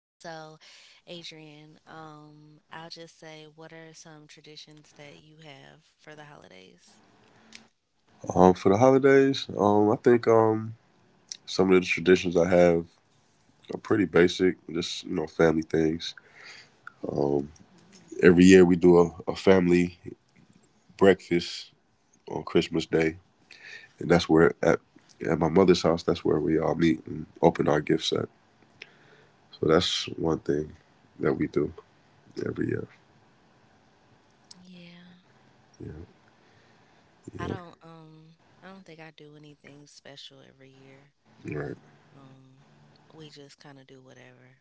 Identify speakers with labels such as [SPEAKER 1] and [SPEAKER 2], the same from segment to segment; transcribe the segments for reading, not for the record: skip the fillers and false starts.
[SPEAKER 1] So, Adrian, I'll just say, what are some traditions that you have for the holidays?
[SPEAKER 2] For the holidays, I think some of the traditions I have are pretty basic, just you know, family things. Um, every year we do a family breakfast on Christmas Day, and that's where at my mother's house. That's where we all meet and open our gift set. So that's one thing that we do every year.
[SPEAKER 1] Yeah, I
[SPEAKER 2] Yeah,
[SPEAKER 1] don't, um, I don't think I do anything special every year.
[SPEAKER 2] yeah, right,
[SPEAKER 1] Um, we just kind of do whatever.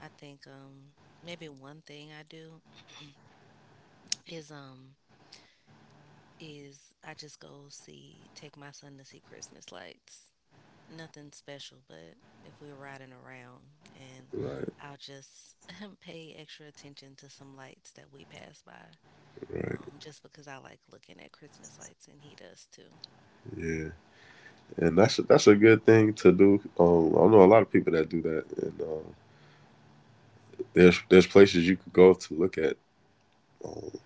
[SPEAKER 1] I think maybe one thing I do is um is I just go see take my son to see Christmas lights. Nothing special, but if we were riding around and
[SPEAKER 2] right,
[SPEAKER 1] I'll just pay extra attention to some lights that we pass by.
[SPEAKER 2] right.
[SPEAKER 1] Just because I like looking at Christmas lights and he does too.
[SPEAKER 2] Yeah. And that's a good thing to do. I know a lot of people that do that, and there's places you could go to look at um,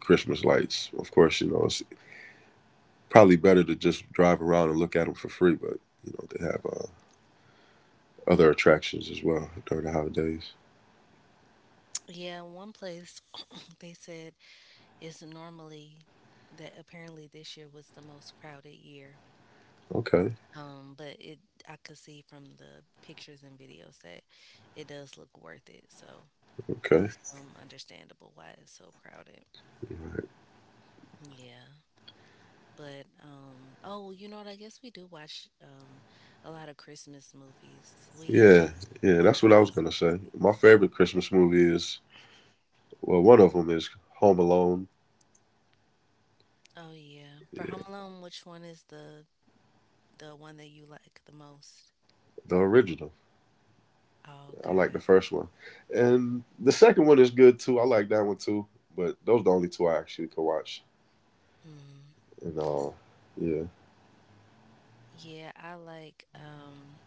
[SPEAKER 2] Christmas lights. Of course, you know it's probably better to just drive around and look at them for free, but you know they have other attractions as well during the holidays.
[SPEAKER 1] Yeah, one place they said is normally that apparently this year was the most crowded year.
[SPEAKER 2] Okay,
[SPEAKER 1] But it I could see from the pictures and videos that it does look worth it. So
[SPEAKER 2] okay,
[SPEAKER 1] it's understandable why it's so crowded. Yeah. But oh, you know what, I guess we do watch a lot of Christmas movies. We
[SPEAKER 2] yeah, yeah,
[SPEAKER 1] watch
[SPEAKER 2] that's what
[SPEAKER 1] all
[SPEAKER 2] I
[SPEAKER 1] the
[SPEAKER 2] was gonna
[SPEAKER 1] Grinch
[SPEAKER 2] say. My
[SPEAKER 1] movies.
[SPEAKER 2] favorite Christmas movie is well, one of them is Home Alone.
[SPEAKER 1] Oh yeah. For Home
[SPEAKER 2] Yeah,
[SPEAKER 1] Alone, which one is the one that you like the most?
[SPEAKER 2] the original.
[SPEAKER 1] Oh,
[SPEAKER 2] I like the
[SPEAKER 1] okay.
[SPEAKER 2] first one, and the second one is good too. I like that one too. But those are the only two I actually could watch.
[SPEAKER 1] Mm.
[SPEAKER 2] And yeah,
[SPEAKER 1] Yeah, I like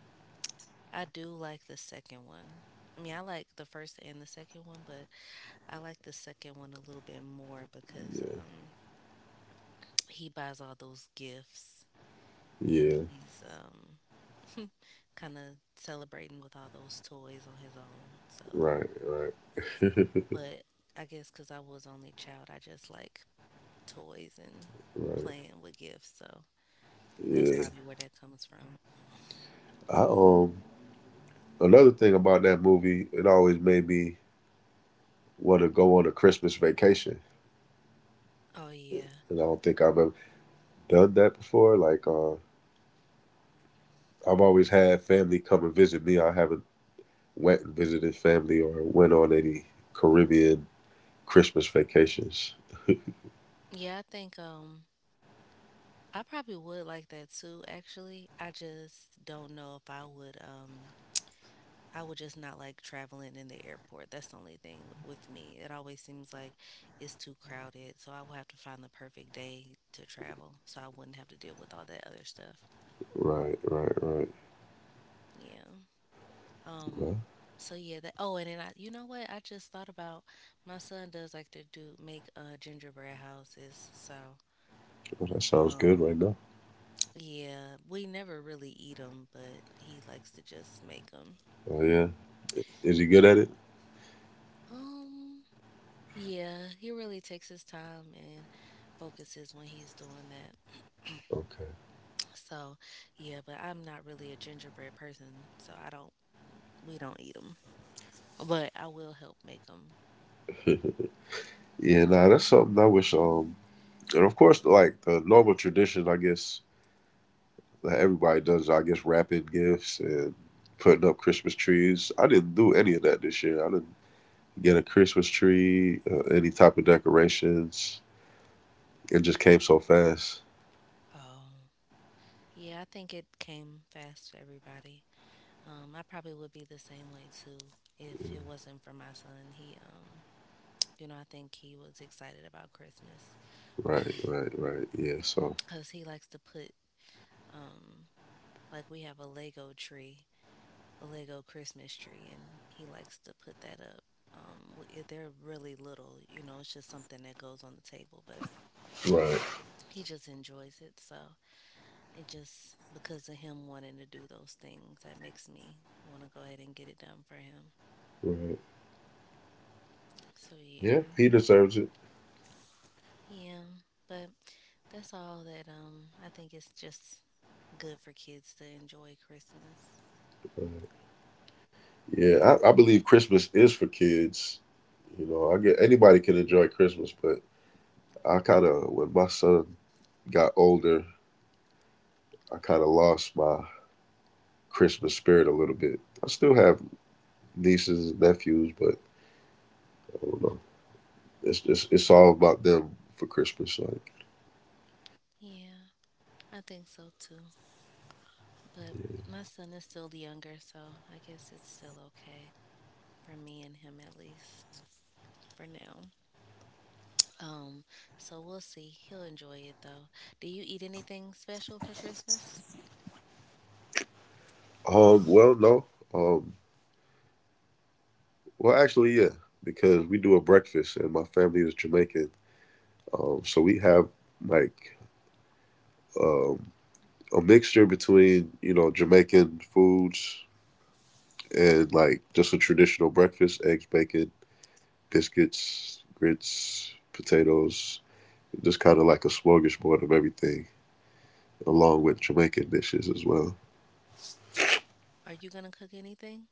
[SPEAKER 1] I do like the second one. I mean, I like the first and the second one, but I like the second one a little bit more because
[SPEAKER 2] yeah,
[SPEAKER 1] he buys all those gifts and
[SPEAKER 2] yeah,
[SPEAKER 1] he's kind of celebrating with all those toys on his own. So,
[SPEAKER 2] right, right,
[SPEAKER 1] but I guess because I was only child, I just like toys and
[SPEAKER 2] right,
[SPEAKER 1] playing with gifts. So that's
[SPEAKER 2] yeah.
[SPEAKER 1] probably where that comes from.
[SPEAKER 2] I another thing about that movie, it always made me want to go on a Christmas vacation,
[SPEAKER 1] Oh yeah,
[SPEAKER 2] and I don't think I've ever done that before. Like I've always had family come and visit me. I haven't went and visited family or went on any Caribbean Christmas vacations.
[SPEAKER 1] yeah. I think I probably would like that too, actually. I just don't know if I would I would just not like traveling in the airport. That's the only thing with me. It always seems like it's too crowded, so I would have to find the perfect day to travel so I wouldn't have to deal with all that other stuff.
[SPEAKER 2] Right, right, right.
[SPEAKER 1] Yeah. Um
[SPEAKER 2] Right.
[SPEAKER 1] so yeah, that oh and then I you know what? I just thought about my son does like to do make gingerbread houses. So,
[SPEAKER 2] Well, that sounds good
[SPEAKER 1] um
[SPEAKER 2] right now.
[SPEAKER 1] yeah, we never really eat them, but he likes to just make them.
[SPEAKER 2] Oh yeah, is he good at it?
[SPEAKER 1] Um, yeah, he really takes his time and focuses when he's doing that.
[SPEAKER 2] Okay.
[SPEAKER 1] So, yeah, but I'm not really a gingerbread person, so I don't we don't eat them. But I will help make them.
[SPEAKER 2] Yeah, nah, that's something I wish. And of course, like the normal tradition, I guess that everybody does. I guess wrapping gifts and putting up Christmas trees. I didn't do any of that this year. I didn't get a Christmas tree, any type of decorations. It just came so fast.
[SPEAKER 1] Oh. Yeah, I think it came fast for everybody. I probably would be the same way too if it wasn't for my son. He you know, I think he was excited about Christmas
[SPEAKER 2] Right, right, right. Yeah. So.
[SPEAKER 1] because he likes to put Um, like we have a Lego tree, a Lego Christmas tree, and he likes to put that up. If they're really little, you know, it's just something that goes on the table, but
[SPEAKER 2] Right,
[SPEAKER 1] he just enjoys it. So it just because of him wanting to do those things, that makes me want to go ahead and get it done for him.
[SPEAKER 2] right.
[SPEAKER 1] So yeah,
[SPEAKER 2] Yeah, he deserves it.
[SPEAKER 1] yeah. But that's all that I think it's just good for kids to enjoy Christmas.
[SPEAKER 2] Yeah, I believe Christmas is for kids. You know, I get anybody can enjoy Christmas, but I kind of, when my son got older, I kind of lost my Christmas spirit a little bit. I still have nieces and nephews, but I don't know. It's just, it's all about them for Christmas. Like,
[SPEAKER 1] Yeah, I think so too. But my son is still the younger, so I guess it's still okay for me and him at least for now. Um, so we'll see. He'll enjoy it though. Do you eat anything special for Christmas?
[SPEAKER 2] well, no, um, well, actually, yeah, because we do a breakfast, and my family is Jamaican, so we have like um, a mixture between you know Jamaican foods and like just a traditional breakfast: eggs, bacon, biscuits, grits, potatoes, just kind of like a smorgasbord of everything, along with Jamaican dishes as well.
[SPEAKER 1] Are you gonna cook anything?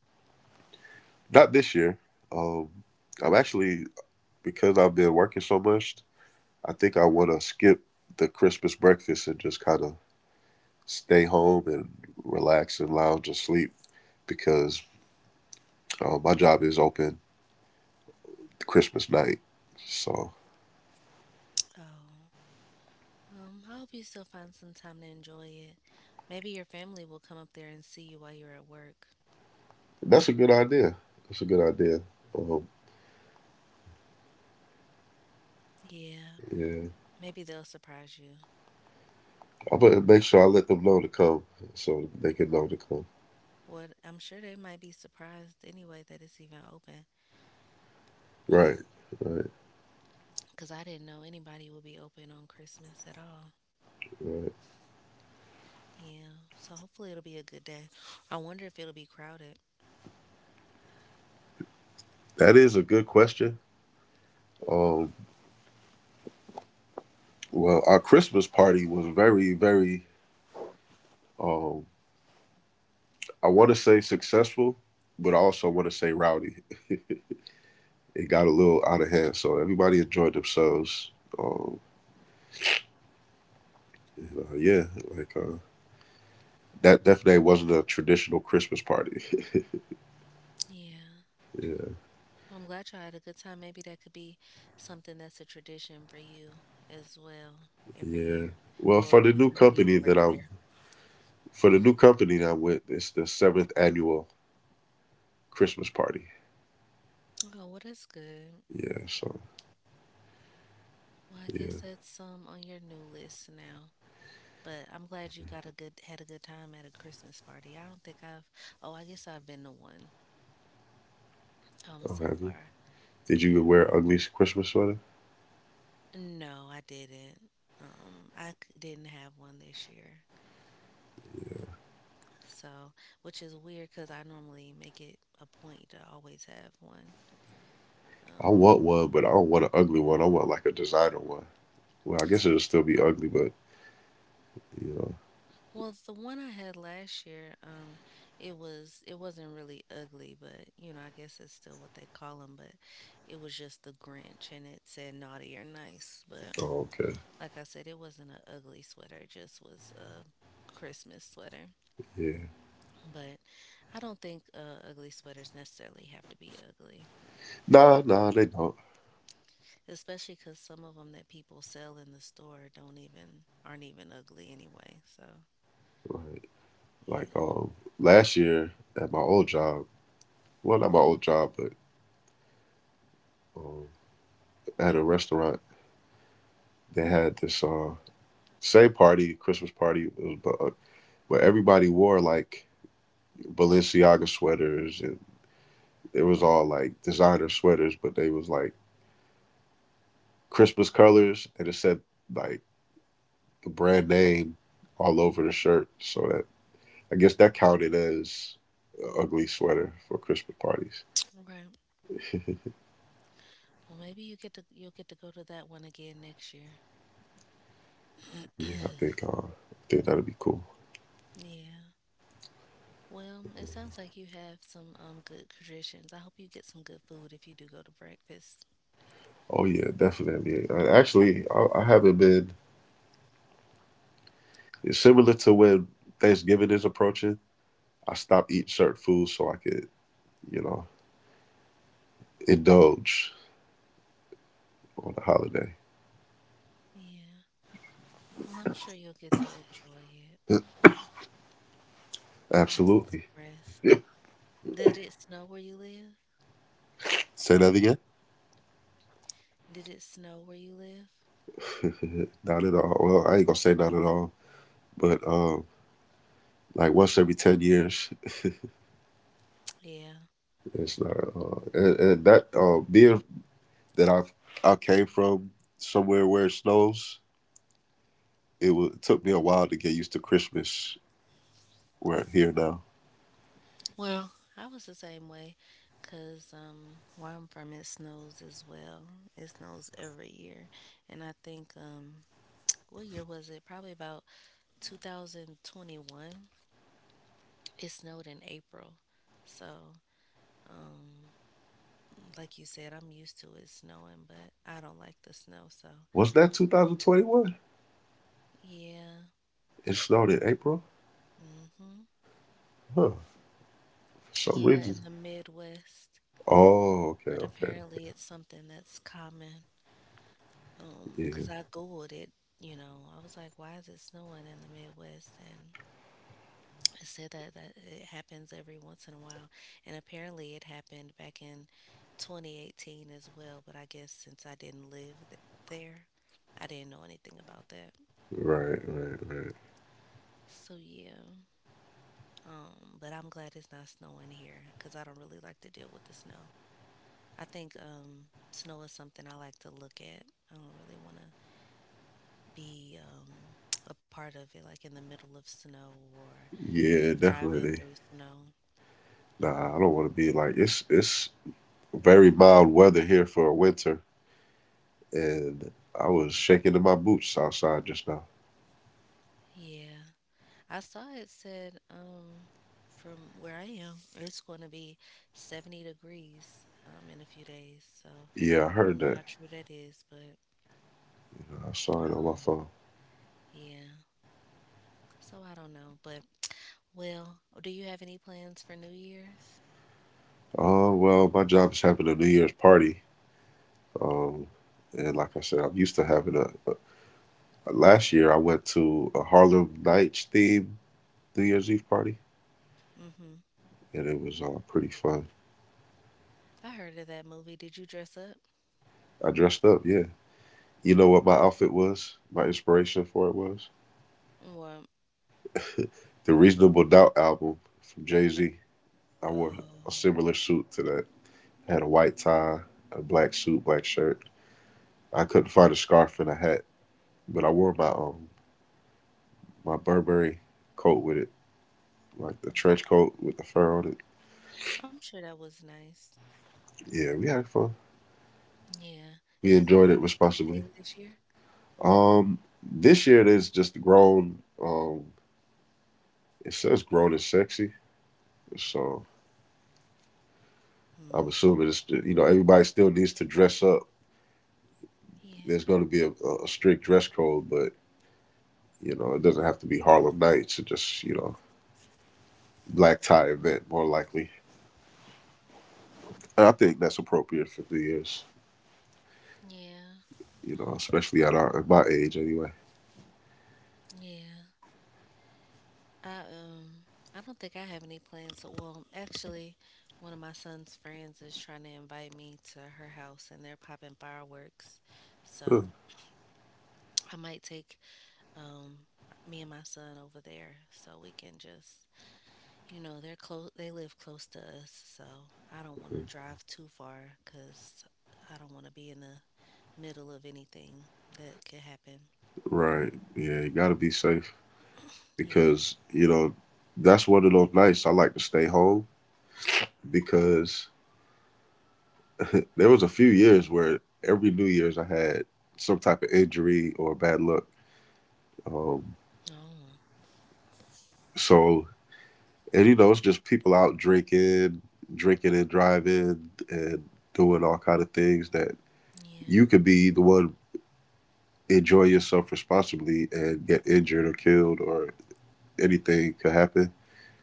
[SPEAKER 2] Not this year. Um, I'm actually because I've been working so much. I think I want to skip the Christmas breakfast and just kind of stay home and relax and lounge and sleep because my job is open Christmas night. So
[SPEAKER 1] Oh, I hope you still find some time to enjoy it. Maybe your family will come up there and see you while you're at work.
[SPEAKER 2] that's a good idea. That's a good idea. Um,
[SPEAKER 1] Yeah,
[SPEAKER 2] yeah,
[SPEAKER 1] maybe they'll surprise you.
[SPEAKER 2] I'm gonna make sure I let them know to come so they can know to come.
[SPEAKER 1] What I'm sure they might be surprised anyway that it's even open
[SPEAKER 2] Right, right,
[SPEAKER 1] because I didn't know anybody would be open on Christmas at all.
[SPEAKER 2] right.
[SPEAKER 1] Yeah. So hopefully it'll be a good day. I wonder if it'll be crowded.
[SPEAKER 2] That is a good question. Um, well, our Christmas party was very, very, um, I want to say successful, but I also want to say rowdy. It got a little out of hand, so everybody enjoyed themselves. Um, and yeah, like that definitely wasn't a traditional Christmas party.
[SPEAKER 1] Yeah.
[SPEAKER 2] yeah,
[SPEAKER 1] Well, I'm glad y'all had a good time. Maybe that could be something that's a tradition for you as well every
[SPEAKER 2] yeah.
[SPEAKER 1] year.
[SPEAKER 2] Well,
[SPEAKER 1] Well, if
[SPEAKER 2] for the
[SPEAKER 1] you
[SPEAKER 2] new
[SPEAKER 1] continue to
[SPEAKER 2] company
[SPEAKER 1] work
[SPEAKER 2] that I'm,
[SPEAKER 1] there.
[SPEAKER 2] for the new company that I'm with, it's the seventh annual Christmas party.
[SPEAKER 1] Oh, well, that's good.
[SPEAKER 2] Yeah, so
[SPEAKER 1] Well, I guess
[SPEAKER 2] yeah.
[SPEAKER 1] that's on your new list now. But I'm glad you got a good had a good time at a Christmas party. I don't think I've oh, I guess I've been to one
[SPEAKER 2] Oh,
[SPEAKER 1] so
[SPEAKER 2] have you?
[SPEAKER 1] far.
[SPEAKER 2] Did
[SPEAKER 1] Yeah.
[SPEAKER 2] you wear ugly Christmas sweater?
[SPEAKER 1] No, I didn't. Um, I didn't have one this year. So, which is weird because I normally make it a point to always have one.
[SPEAKER 2] I
[SPEAKER 1] Um,
[SPEAKER 2] want one, but I don't want an ugly one. I want like a designer one. Well, I guess it'll still be ugly, but you know.
[SPEAKER 1] well, the one I had last year, it was it wasn't really ugly, but you know I guess it's still what they call them. But it was just the Grinch, and it said naughty or nice. But
[SPEAKER 2] Oh, okay.
[SPEAKER 1] like I said, it wasn't an ugly sweater. It just was a Christmas sweater.
[SPEAKER 2] Yeah.
[SPEAKER 1] But I don't think ugly sweaters necessarily have to be ugly,
[SPEAKER 2] Nah, nah, they don't.
[SPEAKER 1] especially because some of them that people sell in the store don't even aren't even ugly anyway. So
[SPEAKER 2] Right.
[SPEAKER 1] yeah,
[SPEAKER 2] Like last year at my old job, well, not my old job, but um, at a restaurant, they had this same party, Christmas party, it was, but everybody wore like Balenciaga sweaters, and it was all like designer sweaters, but they was like Christmas colors, and it said like the brand name all over the shirt. So that I guess that counted as an ugly sweater for Christmas parties.
[SPEAKER 1] right. Well, maybe you get to you'll get to go to that one again next year.
[SPEAKER 2] Yeah, I think that'd be cool.
[SPEAKER 1] Yeah. Well, it sounds like you have some good traditions. I hope you get some good food if you do go to breakfast.
[SPEAKER 2] Oh yeah, definitely. And actually, I haven't been. It's similar to when Thanksgiving is approaching. I stopped eating certain foods so I could, you know, indulge on the holiday.
[SPEAKER 1] Yeah. Well, I'm sure you'll get to enjoy it and get some
[SPEAKER 2] Absolutely.
[SPEAKER 1] rest. Did it snow where you live?
[SPEAKER 2] Say that again?
[SPEAKER 1] Did it snow where you live?
[SPEAKER 2] Not at all. Well, I ain't gonna say not at all, but like once every 10 years.
[SPEAKER 1] Yeah.
[SPEAKER 2] It's not, and that being that I came from somewhere where it snows, it took me a while to get used to Christmas. We're here now.
[SPEAKER 1] Well, I was the same way because where I'm from, it snows as well. It snows every year. And I think, what year was it? Probably about 2021. It snowed in April. So, um, like you said, I'm used to it snowing, but I don't like the snow. So,
[SPEAKER 2] Was that 2021?
[SPEAKER 1] yeah.
[SPEAKER 2] It snowed in April,
[SPEAKER 1] Hmm.
[SPEAKER 2] huh? For some
[SPEAKER 1] Yeah,
[SPEAKER 2] reason.
[SPEAKER 1] in the Midwest.
[SPEAKER 2] Oh, okay,
[SPEAKER 1] But
[SPEAKER 2] okay,
[SPEAKER 1] apparently, it's something that's common.
[SPEAKER 2] yeah,
[SPEAKER 1] 'Cause I googled it, you know, I was like, why is it snowing in the Midwest? And it said that it happens every once in a while, and apparently it happened back in 2018 as well. But I guess since I didn't there, I didn't know anything about that.
[SPEAKER 2] right, right,
[SPEAKER 1] So yeah, but I'm glad it's not snowing here because I don't really like to deal with the snow. I think snow is something I like to look at. I don't really want to be a part of it, like in the middle of snow or
[SPEAKER 2] yeah,
[SPEAKER 1] driving
[SPEAKER 2] definitely.
[SPEAKER 1] through snow.
[SPEAKER 2] Nah, I don't want to be like it's very mild weather here for a winter, and I was shaking in my boots outside just now.
[SPEAKER 1] Yeah, I saw it said from where I am, it's going to be 70 degrees in a few days. So
[SPEAKER 2] Yeah, I
[SPEAKER 1] I
[SPEAKER 2] heard
[SPEAKER 1] don't know
[SPEAKER 2] that.
[SPEAKER 1] how true that is, but
[SPEAKER 2] I saw it on my
[SPEAKER 1] um,
[SPEAKER 2] phone.
[SPEAKER 1] yeah, so I don't know. But well, do you have any plans for New Year's?
[SPEAKER 2] Well, my job is having a New Year's party. Um, and like I said, I'm used to having a. Last year, I went to a Harlem Nights themed New Year's Eve party,
[SPEAKER 1] Mm-hmm.
[SPEAKER 2] and it was pretty fun.
[SPEAKER 1] I heard of that movie. Did you dress up?
[SPEAKER 2] I dressed up, yeah. You know what my outfit was? My inspiration for it was?
[SPEAKER 1] Well,
[SPEAKER 2] The Reasonable Doubt album from Jay Z. I wore a
[SPEAKER 1] oh,
[SPEAKER 2] similar suit to that. Had a white tie, a black suit, black shirt. I couldn't find a scarf and a hat, but I wore my my Burberry coat with it. Like the trench coat with the fur on it.
[SPEAKER 1] I'm sure that was nice.
[SPEAKER 2] Yeah, we had fun.
[SPEAKER 1] Yeah. Is
[SPEAKER 2] We
[SPEAKER 1] it gonna
[SPEAKER 2] enjoyed
[SPEAKER 1] be
[SPEAKER 2] it
[SPEAKER 1] the same
[SPEAKER 2] responsibly.
[SPEAKER 1] thing this year?
[SPEAKER 2] This year there's just grown. It says grown and sexy, so I'm
[SPEAKER 1] Hmm.
[SPEAKER 2] assuming it's you know everybody still needs to dress up.
[SPEAKER 1] Yeah.
[SPEAKER 2] There's going to be a strict dress code, but you know it doesn't have to be Harlem Nights. It just you know black tie event more likely. And I think that's appropriate for the years.
[SPEAKER 1] Yeah.
[SPEAKER 2] You know, especially at our at my age anyway.
[SPEAKER 1] Yeah. I um I don't think I have any plans. Well, actually, one of my son's friends is trying to invite me to her house and they're popping fireworks. So, I might take um me and my son over there so we can just you know, they live close to us, so I don't want to drive too far cuz I don't want to be in the middle of anything that could happen.
[SPEAKER 2] Right. Yeah, you gotta be safe.
[SPEAKER 1] Yes.
[SPEAKER 2] Because you know that's one of those nights I like to stay home because there was a few years where every New Year's I had some type of injury or bad luck. Um,
[SPEAKER 1] Oh,
[SPEAKER 2] so and you know it's just people out drinking, drinking and driving and doing all kind of things that you
[SPEAKER 1] yeah.
[SPEAKER 2] could be the one enjoy yourself responsibly and get injured or killed or anything could happen.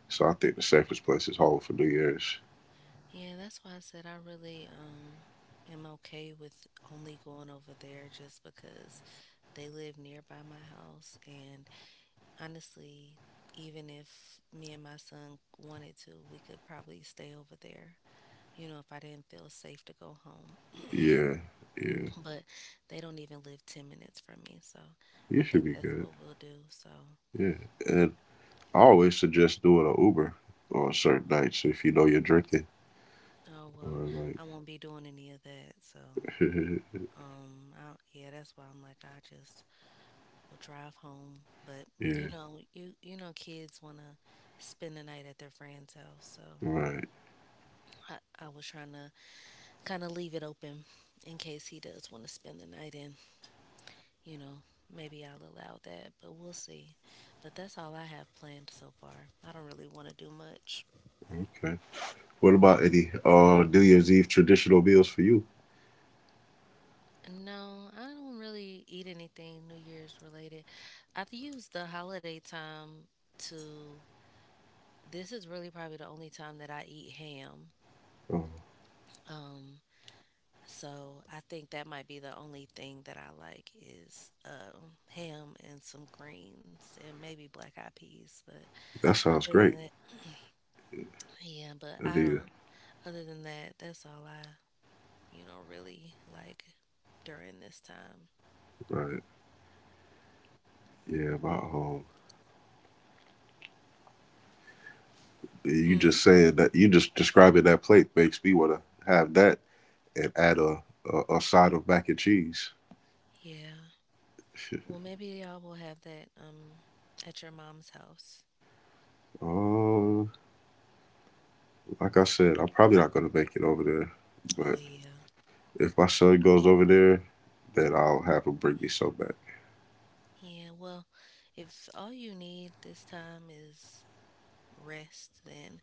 [SPEAKER 2] So I think the safest place is home for New Year's.
[SPEAKER 1] Yeah, that's why I said I really am okay with only going over there just because they live nearby my house and honestly, even if me and my son wanted to, we could probably stay over there. You know, if I didn't feel safe to go home.
[SPEAKER 2] Yeah, yeah,
[SPEAKER 1] But they don't even live 10 minutes from me, so
[SPEAKER 2] you
[SPEAKER 1] I
[SPEAKER 2] should
[SPEAKER 1] think
[SPEAKER 2] be
[SPEAKER 1] that's
[SPEAKER 2] good.
[SPEAKER 1] what we'll do. So,
[SPEAKER 2] Yeah, and I always suggest doing an Uber on certain nights if you know you're drinking
[SPEAKER 1] oh well,
[SPEAKER 2] or like,
[SPEAKER 1] I won't be doing any of that. So, I, yeah, that's why I'm like I just we will drive home. But you
[SPEAKER 2] yeah,
[SPEAKER 1] know, you know, kids want to spend the night at their friend's house, so
[SPEAKER 2] right,
[SPEAKER 1] I was trying to kind of leave it open in case he does want to spend the night and you know maybe I'll allow that, but we'll see. But that's all I have planned so far. I don't really want to do much.
[SPEAKER 2] okay. What about any New Year's Eve traditional meals for you?
[SPEAKER 1] No, I don't really eat anything New Year's related. I've used the holiday time to. This is really probably the only time that I eat ham.
[SPEAKER 2] Oh,
[SPEAKER 1] um, So I think that might be the only thing that I like is ham and some greens and maybe black eyed peas. But
[SPEAKER 2] that sounds
[SPEAKER 1] other
[SPEAKER 2] great,
[SPEAKER 1] than that, yeah, but I
[SPEAKER 2] Anita.
[SPEAKER 1] don't, other than that, that's all you know, really like during this time.
[SPEAKER 2] Right, yeah, my you
[SPEAKER 1] Hmm.
[SPEAKER 2] just saying that you just describing that plate makes me want to have that and add a side of mac and cheese.
[SPEAKER 1] Yeah. Well, maybe y'all will have that at your mom's house.
[SPEAKER 2] Uh, like I said, I'm probably not gonna make it over there,
[SPEAKER 1] Oh
[SPEAKER 2] but.
[SPEAKER 1] yeah.
[SPEAKER 2] If my son goes over there, then I'll have him bring me some back.
[SPEAKER 1] Yeah, well, if all you need this time is rest, then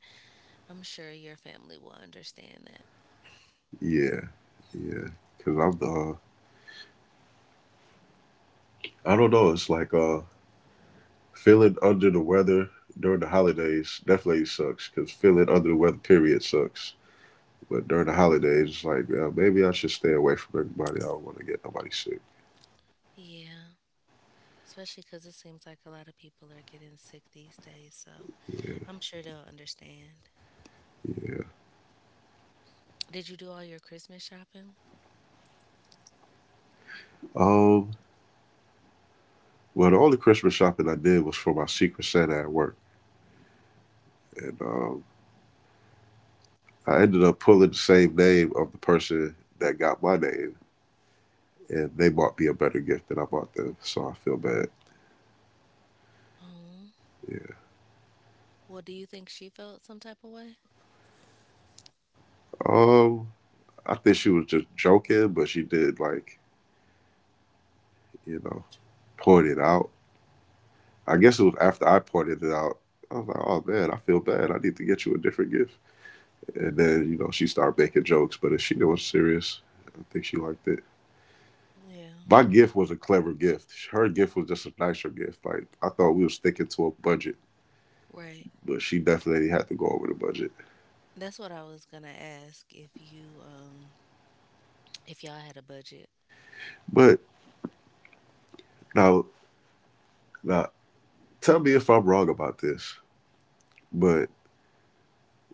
[SPEAKER 1] I'm sure your family will understand.
[SPEAKER 2] Yeah, yeah. Cause I'm I don't know. It's like feeling under the weather during the holidays definitely sucks. Cause feeling under the weather period sucks. But during the holidays, it's like maybe I should stay away from everybody. I don't want to get nobody sick.
[SPEAKER 1] Yeah, especially because it seems like a lot of people are getting sick these days, so I'm sure they'll understand. Did you do all your Christmas shopping?
[SPEAKER 2] Um, well, the only Christmas shopping I did was for my Secret Santa at work, and I ended up pulling the same name of the person that got my name and they bought me a better gift than I bought them, so I feel bad.
[SPEAKER 1] Oh,
[SPEAKER 2] Yeah.
[SPEAKER 1] well, do you think she felt some type of way?
[SPEAKER 2] Um, I think she was just joking, but she did like, you know, point it out. I guess it was after I pointed it out. I was like, oh man, I feel bad. I need to get you a different gift. And then, you know, she started making jokes, but if she knew it was serious, I think she liked it.
[SPEAKER 1] Yeah,
[SPEAKER 2] My gift was a clever gift. Her gift was just a nicer gift. Like I thought we were sticking to a budget,
[SPEAKER 1] right.
[SPEAKER 2] but she definitely had to go over the budget.
[SPEAKER 1] That's what I was gonna ask, if you, if y'all had a budget.
[SPEAKER 2] But now, now, tell me if I'm wrong about this. But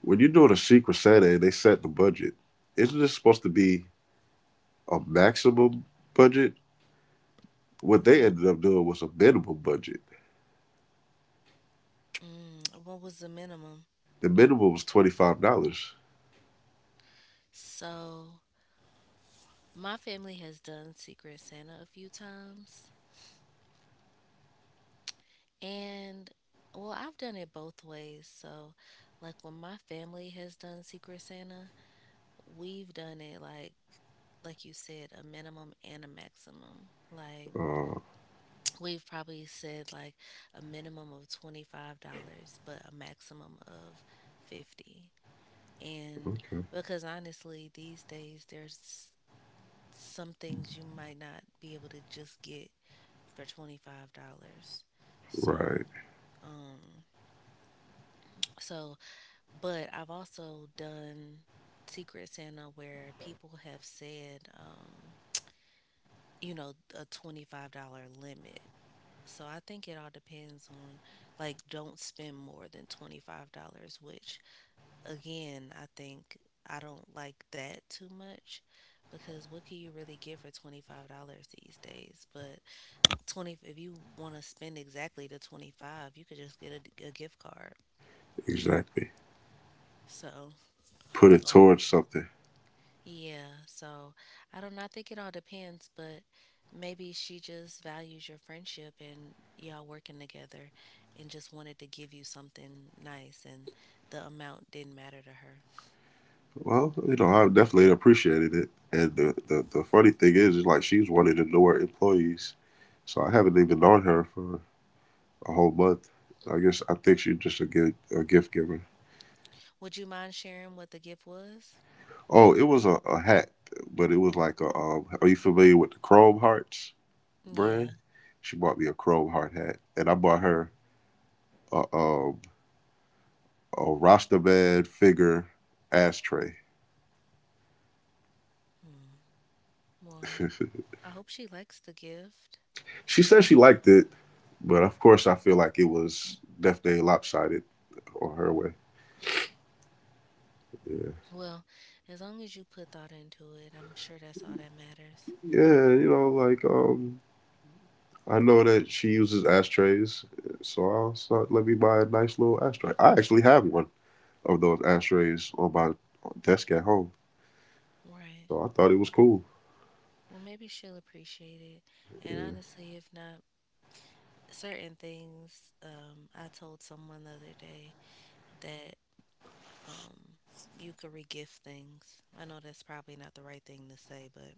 [SPEAKER 2] when you do it a Secret Santa and they set the budget, isn't this supposed to be a maximum budget? What they
[SPEAKER 1] Yeah.
[SPEAKER 2] ended up doing was a minimum budget.
[SPEAKER 1] Mm, what was the minimum?
[SPEAKER 2] The minimum was $25.
[SPEAKER 1] So, my family has done Secret Santa a few times. And well, I've done it both ways. So, like when my family has done Secret Santa, we've done it like you said, a minimum and a maximum. Like
[SPEAKER 2] Uh,
[SPEAKER 1] we've probably said like a minimum of $25, but a maximum of 50. And
[SPEAKER 2] okay,
[SPEAKER 1] because honestly, these days there's some things you might not be able to just get for $25. So,
[SPEAKER 2] right,
[SPEAKER 1] um so But I've also done Secret Santa where people have said, you know, a $25 limit. So I think it all depends on, like, don't spend more than $25, which again, I don't like that too much because what can you really get for $25 these days? But 20 if you want to spend exactly the 25, you could just get a gift card.
[SPEAKER 2] exactly.
[SPEAKER 1] So,
[SPEAKER 2] Put it
[SPEAKER 1] um,
[SPEAKER 2] towards something.
[SPEAKER 1] Yeah, so I don't know. I think it all depends, but maybe she just values your friendship and y'all working together and just wanted to give you something nice, and the amount didn't matter to her.
[SPEAKER 2] Well, you know, I definitely appreciated it. And the funny thing is like she's one of the newer employees, so I haven't even known her for a whole month. I guess I think she's just a gift giver.
[SPEAKER 1] Would you mind sharing what the gift was?
[SPEAKER 2] Oh, it was a hat, but it was like a. Are you familiar with the Chrome Hearts
[SPEAKER 1] Yeah.
[SPEAKER 2] brand? She bought me a Chrome Heart hat, and I bought her a um, a Rastaman figure ashtray.
[SPEAKER 1] Hmm. Well, I hope she likes the gift.
[SPEAKER 2] She said she liked it, but of course, I feel like it was definitely lopsided on her way. Yeah,
[SPEAKER 1] Well, as long as you put thought into it, I'm sure that's all that matters.
[SPEAKER 2] yeah, you know, like um, I know that she uses ashtrays, so I'll start. Let me buy a nice little ashtray. I actually have one of those ashtrays on my desk at home.
[SPEAKER 1] Right.
[SPEAKER 2] So I thought it was cool.
[SPEAKER 1] Well, maybe she'll appreciate it. And
[SPEAKER 2] Yeah.
[SPEAKER 1] honestly, if not, certain things, I told someone the other day that um, you could regift things. I know that's probably not the right thing to say, but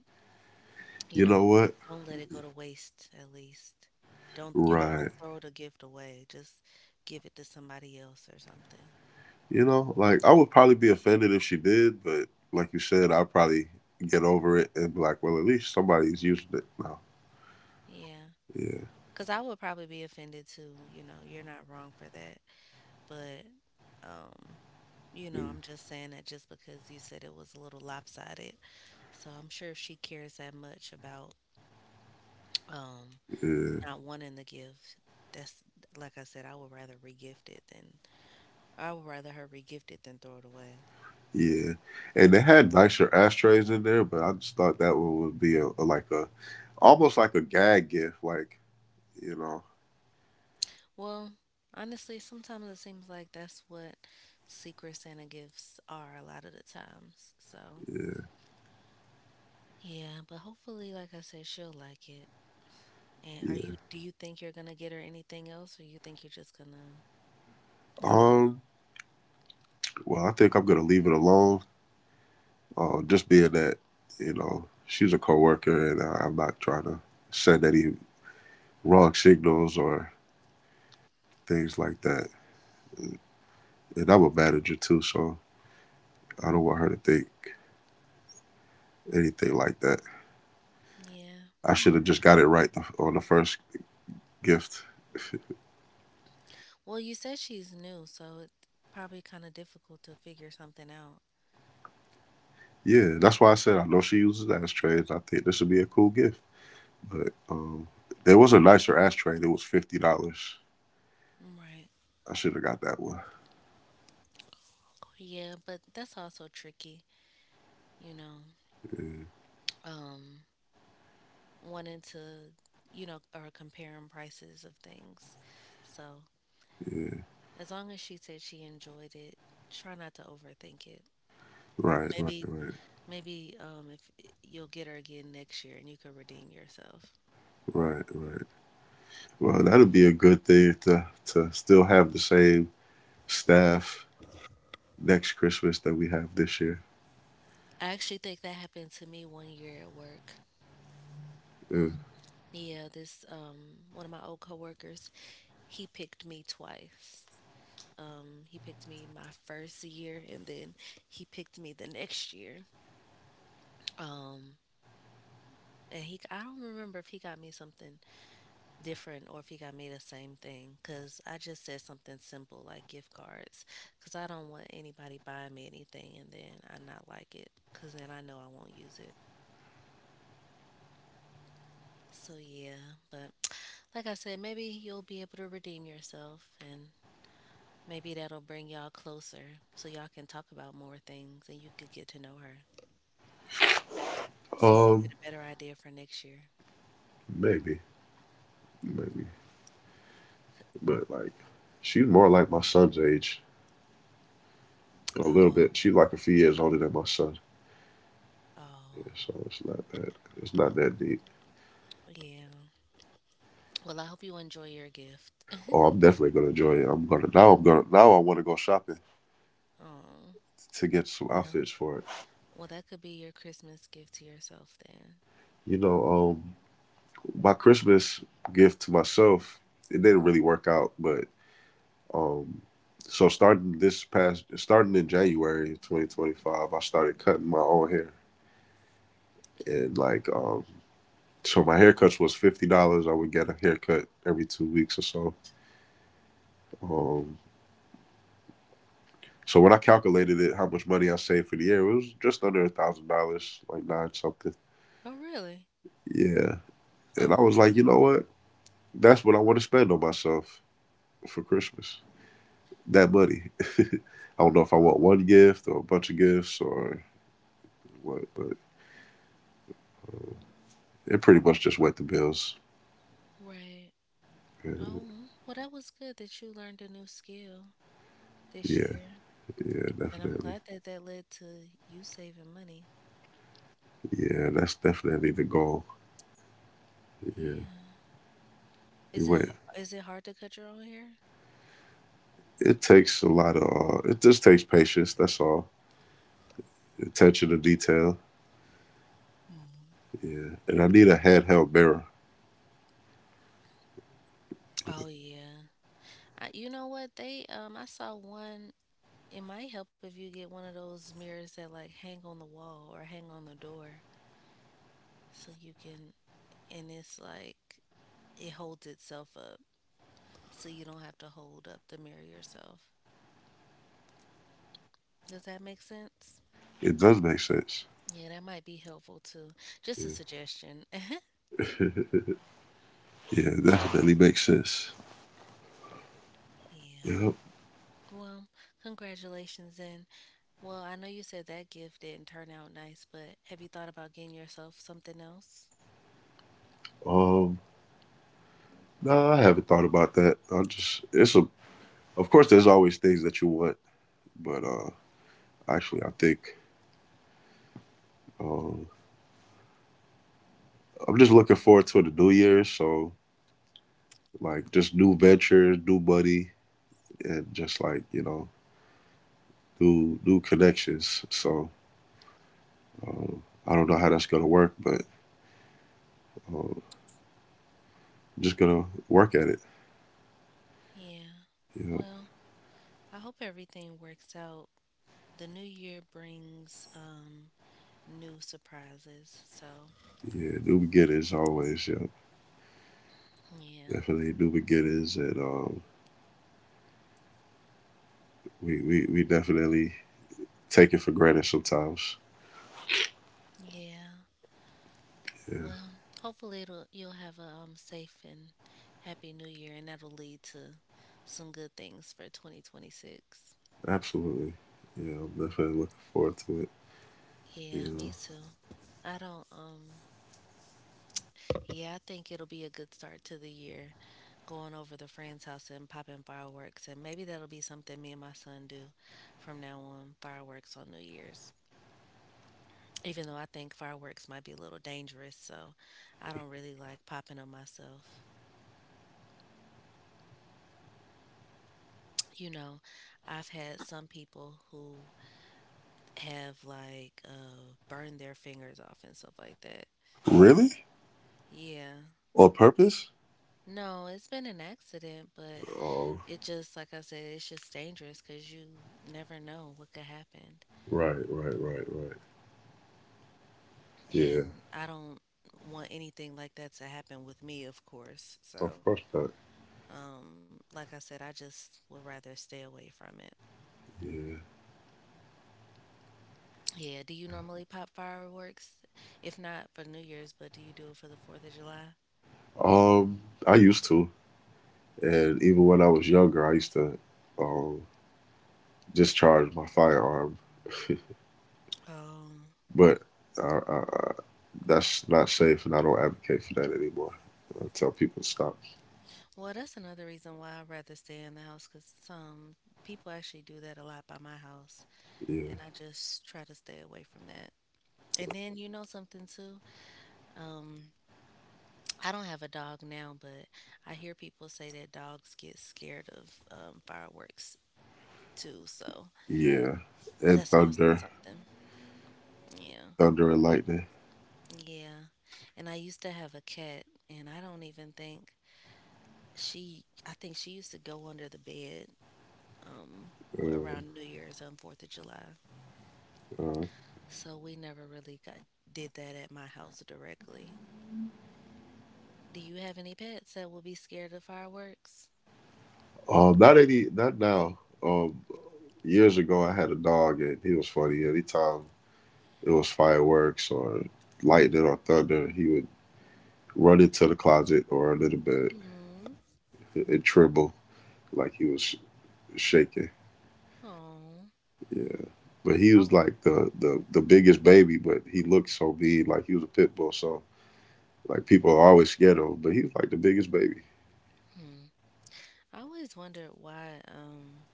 [SPEAKER 1] you
[SPEAKER 2] You
[SPEAKER 1] know,
[SPEAKER 2] know what?
[SPEAKER 1] don't let it go to waste. At least don't, you know,
[SPEAKER 2] Right.
[SPEAKER 1] don't throw the gift away, just give it to somebody else or something.
[SPEAKER 2] You know, like I would probably be offended if she did, but like you said, I'll probably get over it and be like, well, at least somebody's using it now.
[SPEAKER 1] Yeah,
[SPEAKER 2] Yeah,
[SPEAKER 1] because I would probably be offended too. You know, you're not wrong for that, but um you know,
[SPEAKER 2] yeah,
[SPEAKER 1] I'm just saying that just because you said it was a little lopsided, so I'm sure if she cares that much about um
[SPEAKER 2] yeah,
[SPEAKER 1] not wanting to give, that's, like I said, I would rather her regift it than throw it away.
[SPEAKER 2] yeah. And they had nicer ashtrays in there, but I just thought that one would be a like a almost like a gag gift, you know.
[SPEAKER 1] Well, honestly, sometimes it seems like that's what Secret Santa gifts are a lot of the times, so
[SPEAKER 2] Yeah,
[SPEAKER 1] yeah, but hopefully, like I said, she'll like it. and are
[SPEAKER 2] yeah.
[SPEAKER 1] you do you think you're gonna get her anything else, or you think you're just gonna leave it alone?
[SPEAKER 2] Um. Well, I think I'm gonna leave it alone. Just being that, you know, she's a coworker, and I'm not trying to send any wrong signals or things like that. And I'm a manager too, so I don't want her to think anything like that.
[SPEAKER 1] Yeah,
[SPEAKER 2] I
[SPEAKER 1] that
[SPEAKER 2] should
[SPEAKER 1] makes—
[SPEAKER 2] have just got it right on the first gift.
[SPEAKER 1] well, you said she's new, so it's probably kind of difficult to figure something out
[SPEAKER 2] Yeah, that's why I said I know she uses ashtrays. I think this would be a cool gift. But there was a nicer ashtray. It was $50.
[SPEAKER 1] right.
[SPEAKER 2] I should have got that one.
[SPEAKER 1] Yeah, but that's also tricky, you know,
[SPEAKER 2] Yeah,
[SPEAKER 1] um, wanting to, you know, or comparing prices of things. So
[SPEAKER 2] yeah.
[SPEAKER 1] as long as she said she enjoyed it, try not to overthink it.
[SPEAKER 2] Right, right,
[SPEAKER 1] Maybe,
[SPEAKER 2] right,
[SPEAKER 1] maybe if you'll get her again next year, and you can redeem yourself.
[SPEAKER 2] right, right. Well, that'll be a good thing to still have the same staff next Christmas that we have this year.
[SPEAKER 1] I actually think that happened to me one year at work.
[SPEAKER 2] Yeah.
[SPEAKER 1] Yeah, this one of my old coworkers, he picked me twice. He picked me my first year, and then he picked me the next year. Um, I don't remember if he got me something different or if he got me the same thing, because I just said something simple like gift cards, because I don't want anybody buying me anything and then I not like it because then I know I won't use it. So, yeah, but like I said, maybe you'll be able to redeem yourself, and maybe that'll bring y'all closer so y'all can talk about more things and you could get to know her, so you could get
[SPEAKER 2] Um,
[SPEAKER 1] a better idea for next year.
[SPEAKER 2] Maybe, maybe. But like, she's more like my son's age a little
[SPEAKER 1] Oh,
[SPEAKER 2] bit. She's like a few years older than my son,
[SPEAKER 1] oh,
[SPEAKER 2] yeah, so it's not that deep.
[SPEAKER 1] yeah. Well, I hope you enjoy your gift.
[SPEAKER 2] Oh, I'm definitely gonna enjoy it. I'm gonna now. I want to go shopping
[SPEAKER 1] Oh,
[SPEAKER 2] to get some
[SPEAKER 1] well,
[SPEAKER 2] outfits for it.
[SPEAKER 1] well, that could be your Christmas gift to yourself then.
[SPEAKER 2] You know, um, my Christmas gift to myself it didn't really work out, but um, starting this past starting in January 2025, I started cutting my own hair and So my haircuts was $50. I would get a haircut every 2 weeks or so. Um, so when I calculated it, how much money I saved for the year, it was just under $1,000, like nine something.
[SPEAKER 1] Oh, really?
[SPEAKER 2] Yeah, and
[SPEAKER 1] Huh.
[SPEAKER 2] I was like, you know what? That's what I want to spend on myself for Christmas. That money. I don't know if I want one gift or a bunch of gifts or what, but it pretty much just went to bills.
[SPEAKER 1] Right.
[SPEAKER 2] Yeah,
[SPEAKER 1] Oh, well, that was good that you learned a new skill this
[SPEAKER 2] yeah,
[SPEAKER 1] year,
[SPEAKER 2] yeah,
[SPEAKER 1] and I'm
[SPEAKER 2] definitely.
[SPEAKER 1] glad that that led to you saving money.
[SPEAKER 2] Yeah, that's definitely the goal. Yeah,
[SPEAKER 1] Yeah.
[SPEAKER 2] you
[SPEAKER 1] Is it
[SPEAKER 2] went
[SPEAKER 1] is it hard to cut your own hair?
[SPEAKER 2] it takes a lot of, it just takes patience. That's all. Attention to detail. Yeah. And I need a handheld mirror.
[SPEAKER 1] Oh yeah. You know what? They I saw one— it might help if you get one of those mirrors that like hang on the wall or hang on the door, so you can— and it's like it holds itself up so you don't have to hold up the mirror yourself. Does that make sense?
[SPEAKER 2] It does make sense.
[SPEAKER 1] Yeah, that might be helpful too. Just a
[SPEAKER 2] Yeah.
[SPEAKER 1] suggestion. Yeah.
[SPEAKER 2] Yeah, it definitely makes sense. Yep.
[SPEAKER 1] Well, congratulations then. Well, I know you said that gift didn't turn out nice, but have you thought about getting yourself something else?
[SPEAKER 2] Um, no, nah, I haven't thought about that. I just, it's a, Of course, there's always things that you want, but, actually, I think, um, I'm just looking forward to the new year. So, like, just new ventures, new money, and just like, you know, new connections. So, I don't know how that's going to work, but Um, just gonna work at it.
[SPEAKER 1] Yeah.
[SPEAKER 2] You know.
[SPEAKER 1] Well, I hope everything works out. The new year brings new surprises. So,
[SPEAKER 2] Yeah, new beginnings always. Yeah,
[SPEAKER 1] yeah.
[SPEAKER 2] definitely new beginnings, and we definitely take it for granted sometimes.
[SPEAKER 1] Yeah.
[SPEAKER 2] Yeah,
[SPEAKER 1] Well, hopefully it'll— you'll have a safe and happy new year, and that'll lead to some good things for 2026.
[SPEAKER 2] absolutely. Yeah, I'm definitely looking forward to it.
[SPEAKER 1] Yeah,
[SPEAKER 2] You
[SPEAKER 1] me too. I don't Yeah, I think it'll be a good start to the year, going over to friend's house and popping fireworks, and maybe that'll be something me and my son do from now on, fireworks on New Year's. Even though I think fireworks might be a little dangerous, so I don't really like popping on myself. You know, I've had some people who have like burned their fingers off and stuff like that.
[SPEAKER 2] know,
[SPEAKER 1] So,
[SPEAKER 2] really
[SPEAKER 1] yeah.
[SPEAKER 2] on purpose?
[SPEAKER 1] No, it's been an accident, but
[SPEAKER 2] Oh,
[SPEAKER 1] it just, like I said, it's just dangerous because you never know what could happen.
[SPEAKER 2] right, right, right, right. Yeah,
[SPEAKER 1] And I don't want anything like that to happen with me, of course.
[SPEAKER 2] of
[SPEAKER 1] So,
[SPEAKER 2] course not.
[SPEAKER 1] like I said, I just would rather stay away from it.
[SPEAKER 2] Yeah.
[SPEAKER 1] Yeah. Do you normally pop fireworks? If not for New Year's, but do you do it for the 4th of July?
[SPEAKER 2] Um, I used to, and even when I was younger, I used to um discharge my firearm,
[SPEAKER 1] Um,
[SPEAKER 2] but I I, that's not safe, and I don't advocate for that anymore. I tell people to stop.
[SPEAKER 1] well, that's another reason why I'd rather stay in the house, because some people actually do that a lot by my house,
[SPEAKER 2] Yeah,
[SPEAKER 1] and I just try to stay away from that. And then you know something too? Um, I don't have a dog now, but I hear people say that dogs get scared of fireworks too, so
[SPEAKER 2] yeah, and
[SPEAKER 1] that's also
[SPEAKER 2] thunder,
[SPEAKER 1] something. Yeah,
[SPEAKER 2] thunder and lightning.
[SPEAKER 1] yeah. And I used to have a cat, and I don't even think she I think she used to go under the bed
[SPEAKER 2] Uh,
[SPEAKER 1] around New Year's and 4th of July.
[SPEAKER 2] uh,
[SPEAKER 1] So we never really got did that at my house directly. Do you have any pets that will be scared of fireworks?
[SPEAKER 2] Not any, not now. Years ago, I had a dog, and he was funny. Anytime it was fireworks or lightning or thunder, he would run into the closet or under the bed
[SPEAKER 1] Hmm.
[SPEAKER 2] and tremble like he was shaking.
[SPEAKER 1] Oh.
[SPEAKER 2] Yeah, but he
[SPEAKER 1] Oh.
[SPEAKER 2] was like the biggest baby, but he looked so big, like he was a pit bull. So like people are always scared of him, but he's like the biggest baby.
[SPEAKER 1] Hmm. I always wondered why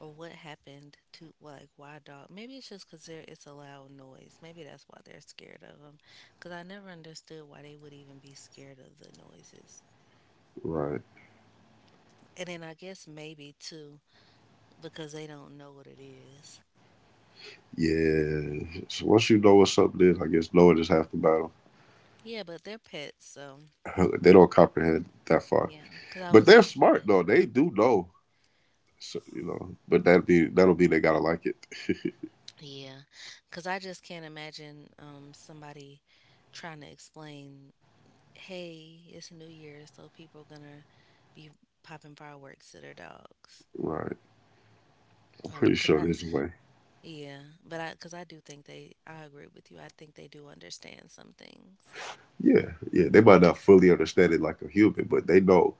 [SPEAKER 1] or what happened to, like, why dog— maybe it's just because there— it's a loud noise, maybe that's why they're scared of them, because I never understood why they would even be scared of the noises.
[SPEAKER 2] Right.
[SPEAKER 1] And then I guess maybe too, because they don't know what it is.
[SPEAKER 2] Yeah. So once you know what's up there, I guess knowing is half the battle.
[SPEAKER 1] Yeah, but they're pets, so
[SPEAKER 2] They don't comprehend that far.
[SPEAKER 1] yeah. Because I
[SPEAKER 2] But
[SPEAKER 1] was
[SPEAKER 2] they're
[SPEAKER 1] gonna
[SPEAKER 2] smart
[SPEAKER 1] say,
[SPEAKER 2] though. They do know. So, you know, but that'd be they gotta like it.
[SPEAKER 1] yeah, because I just can't imagine somebody trying to explain, hey, it's New Year, so people gonna be popping fireworks, to their dogs.
[SPEAKER 2] Right. I'm pretty
[SPEAKER 1] Cause
[SPEAKER 2] sure
[SPEAKER 1] I
[SPEAKER 2] there's a way.
[SPEAKER 1] Yeah, but I cause I do think they— I agree with you. I think they do understand some things.
[SPEAKER 2] Yeah, yeah. They might not fully understand it like a human, but they know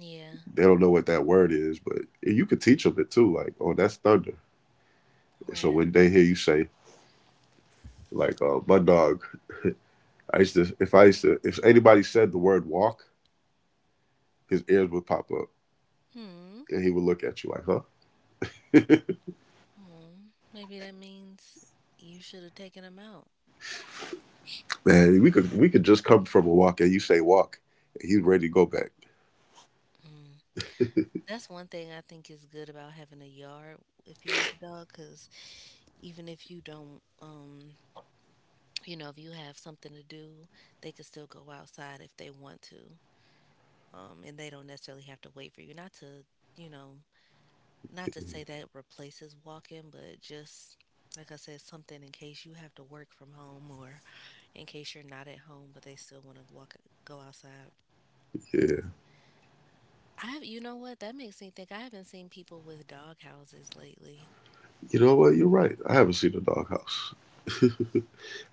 [SPEAKER 1] Yeah,
[SPEAKER 2] they don't know what that word is, but you could teach them it too. Like, oh, that's thunder. So
[SPEAKER 1] right.
[SPEAKER 2] when they hear you say, like, my dog, I used to, if anybody said the word walk, his ears would pop up
[SPEAKER 1] Hmm.
[SPEAKER 2] and he would look at you like, huh?
[SPEAKER 1] Oh. Maybe that means you should have taken them out.
[SPEAKER 2] Man, we could just come from a walk and you say walk. And he's ready to go back.
[SPEAKER 1] That's one thing I think is good about having a yard if you have a dog. Cause even if you don't, you know, if you have something to do, they can still go outside if they want to. And they don't necessarily have to wait for you. Not to, you know, not to say that replaces walking, but just, like I said, something in case you have to work from home or in case you're not at home, but they still want to walk, go outside.
[SPEAKER 2] Yeah.
[SPEAKER 1] You know what? That makes me think, I haven't seen people with dog houses lately.
[SPEAKER 2] You know what? You're right. I haven't seen a doghouse.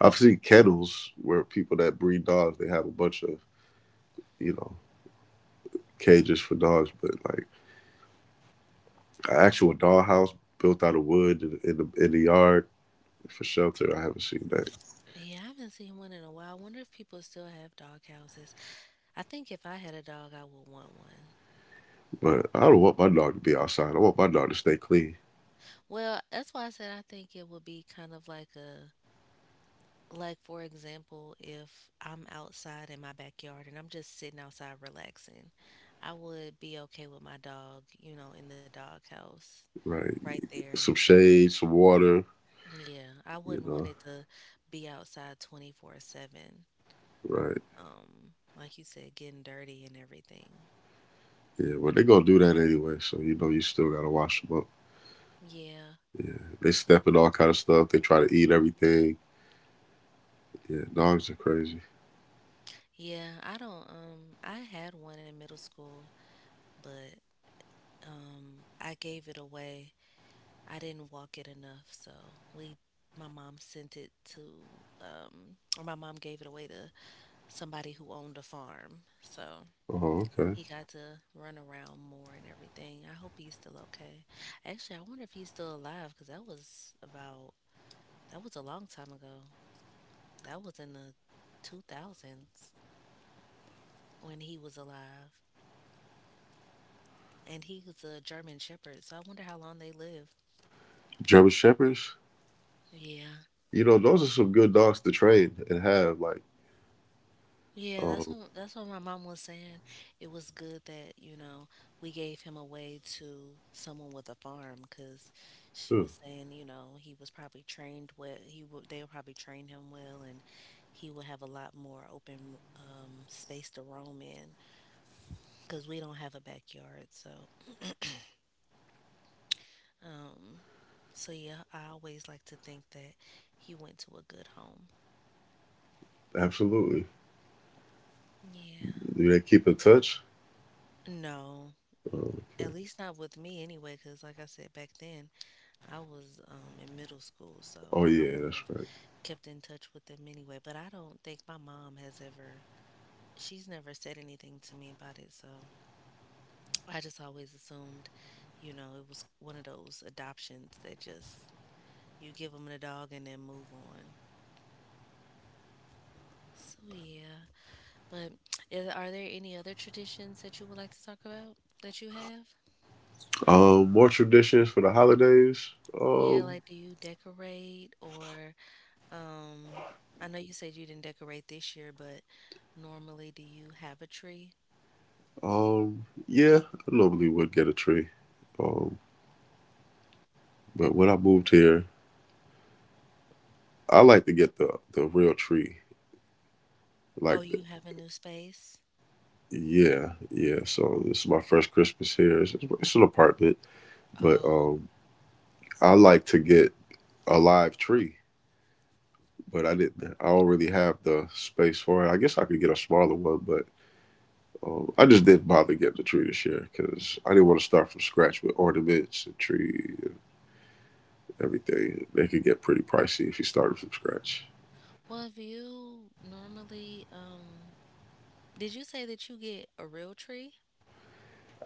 [SPEAKER 2] I've seen kennels where people that breed dogs, they have a bunch of, you know, cages for dogs, but like an actual doghouse built out of wood in the yard for shelter, I haven't seen that.
[SPEAKER 1] Yeah, I haven't seen one in a while. I wonder if people still have dog houses. I think if I had a dog, I would want one.
[SPEAKER 2] But I don't want my dog to be outside. I want my dog to stay clean.
[SPEAKER 1] Well, that's why I said I think it would be kind of like a— like for example, if I'm outside in my backyard and I'm just sitting outside relaxing, I would be okay with my dog, you know, in the dog house
[SPEAKER 2] Right.
[SPEAKER 1] right there.
[SPEAKER 2] Some shade, some water,
[SPEAKER 1] Yeah, I
[SPEAKER 2] you
[SPEAKER 1] wouldn't want
[SPEAKER 2] know.
[SPEAKER 1] it to be outside 24/7.
[SPEAKER 2] Right.
[SPEAKER 1] Like you said, getting dirty and everything.
[SPEAKER 2] Yeah, well, they gonna do that anyway, so you know you still gotta wash them up.
[SPEAKER 1] Yeah,
[SPEAKER 2] Yeah, they step in all kind of stuff. They try to eat everything. Yeah, dogs are crazy.
[SPEAKER 1] yeah, I don't I had one in middle school, but I gave it away. I didn't walk it enough, so we my mom sent it to or my mom gave it away to somebody who owned a farm. So
[SPEAKER 2] Oh, okay.
[SPEAKER 1] he got to run around more and everything. I hope he's still okay. Actually, I wonder if he's still alive, cuz that was about— that was a long time ago. That was in the 2000s when he was alive. And he was a German Shepherd. So I wonder how long they live.
[SPEAKER 2] German shepherds.
[SPEAKER 1] Yeah.
[SPEAKER 2] You know, those are some good dogs to train and have. Like,
[SPEAKER 1] Yeah, that's
[SPEAKER 2] um,
[SPEAKER 1] what that's what my mom was saying. It was good that we gave him away to someone with a farm because she
[SPEAKER 2] yeah,
[SPEAKER 1] was saying he was probably trained well. He would They will probably train him well, and he will have a lot more open space to roam in because we don't have a backyard. Um, so yeah, I always like to think that he went to a good home.
[SPEAKER 2] absolutely.
[SPEAKER 1] Yeah.
[SPEAKER 2] Do they keep in touch?
[SPEAKER 1] No,
[SPEAKER 2] Oh,
[SPEAKER 1] at
[SPEAKER 2] okay.
[SPEAKER 1] least not with me anyway, because like I said back then, I was in middle school, so
[SPEAKER 2] Oh
[SPEAKER 1] I
[SPEAKER 2] yeah,
[SPEAKER 1] wouldn't
[SPEAKER 2] that's
[SPEAKER 1] have
[SPEAKER 2] right.
[SPEAKER 1] kept in touch with them anyway. But I don't think my mom she's never said anything to me about it. So I just always assumed, it was one of those adoptions that just you give them the dog and then move on. So yeah, but are there any other traditions that you would like to talk about that you have?
[SPEAKER 2] More traditions for the holidays.
[SPEAKER 1] Yeah,
[SPEAKER 2] Um,
[SPEAKER 1] like, do you decorate? Or Um, I know you said you didn't decorate this year, but normally do you have a tree?
[SPEAKER 2] yeah, I normally would get a tree. Um, but when I moved here, I like to get the real tree
[SPEAKER 1] Oh,
[SPEAKER 2] like
[SPEAKER 1] you have a new space?
[SPEAKER 2] yeah, yeah. So this is my first Christmas here. It's an apartment, but
[SPEAKER 1] Oh.
[SPEAKER 2] I like to get a live tree, but I didn't. I don't really have the space for it. I guess I could get a smaller one, but I just didn't bother getting the tree this year because I didn't want to start from scratch with ornaments and tree and everything. They could get pretty pricey if you started from scratch.
[SPEAKER 1] Well, if you normally, did you say that you get a real tree?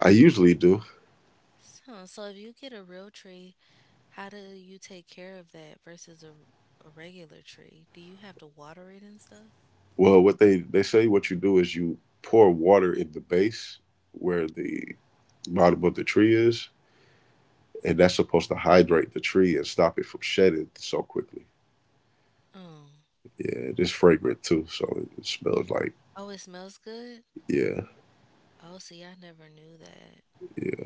[SPEAKER 2] I usually do.
[SPEAKER 1] Huh, so if you get a real tree, how do you take care of that versus a regular tree? Do you have to water it and stuff?
[SPEAKER 2] Well, what they say what you do is you pour water in the base where the bottom of the tree is and that's supposed to hydrate the tree and stop it from shedding so quickly.
[SPEAKER 1] Oh.
[SPEAKER 2] Yeah, it's fragrant too, so it smells like
[SPEAKER 1] Oh, it smells good?
[SPEAKER 2] yeah,
[SPEAKER 1] Oh, see, I never knew that.
[SPEAKER 2] yeah,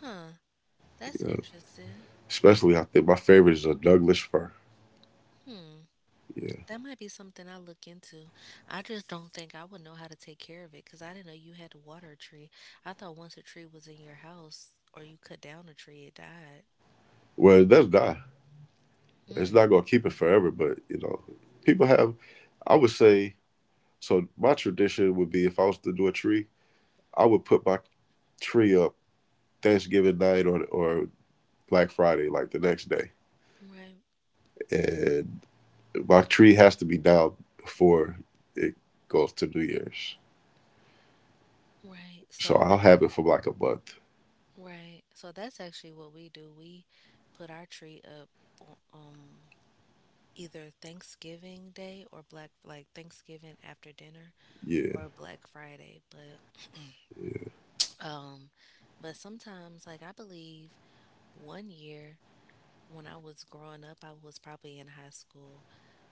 [SPEAKER 1] Huh, that's
[SPEAKER 2] yeah.
[SPEAKER 1] interesting.
[SPEAKER 2] Especially I think my favorite is a Douglas fir.
[SPEAKER 1] Hmm.
[SPEAKER 2] Yeah,
[SPEAKER 1] That might be something I look into. I just don't think I would know how to take care of it because I didn't know you had to water a tree. I thought once a tree was in your house or you cut down a tree, it died.
[SPEAKER 2] well, it does die. It's
[SPEAKER 1] Mm,
[SPEAKER 2] not gonna keep it forever, but you know, people have. I would say so. My tradition would be if I was to do a tree, I would put my tree up Thanksgiving night or Black Friday, like the next day,
[SPEAKER 1] right,
[SPEAKER 2] and my tree has to be down before it goes to New Year's.
[SPEAKER 1] right.
[SPEAKER 2] So
[SPEAKER 1] So
[SPEAKER 2] I'll
[SPEAKER 1] that
[SPEAKER 2] have it for like a month.
[SPEAKER 1] right. So that's actually what we do. We put our tree up o- um either Thanksgiving Day or Black like Thanksgiving after dinner
[SPEAKER 2] Yeah.
[SPEAKER 1] or Black Friday.
[SPEAKER 2] Yeah.
[SPEAKER 1] Um but sometimes, like, I believe one year when I was growing up, I was probably in high school.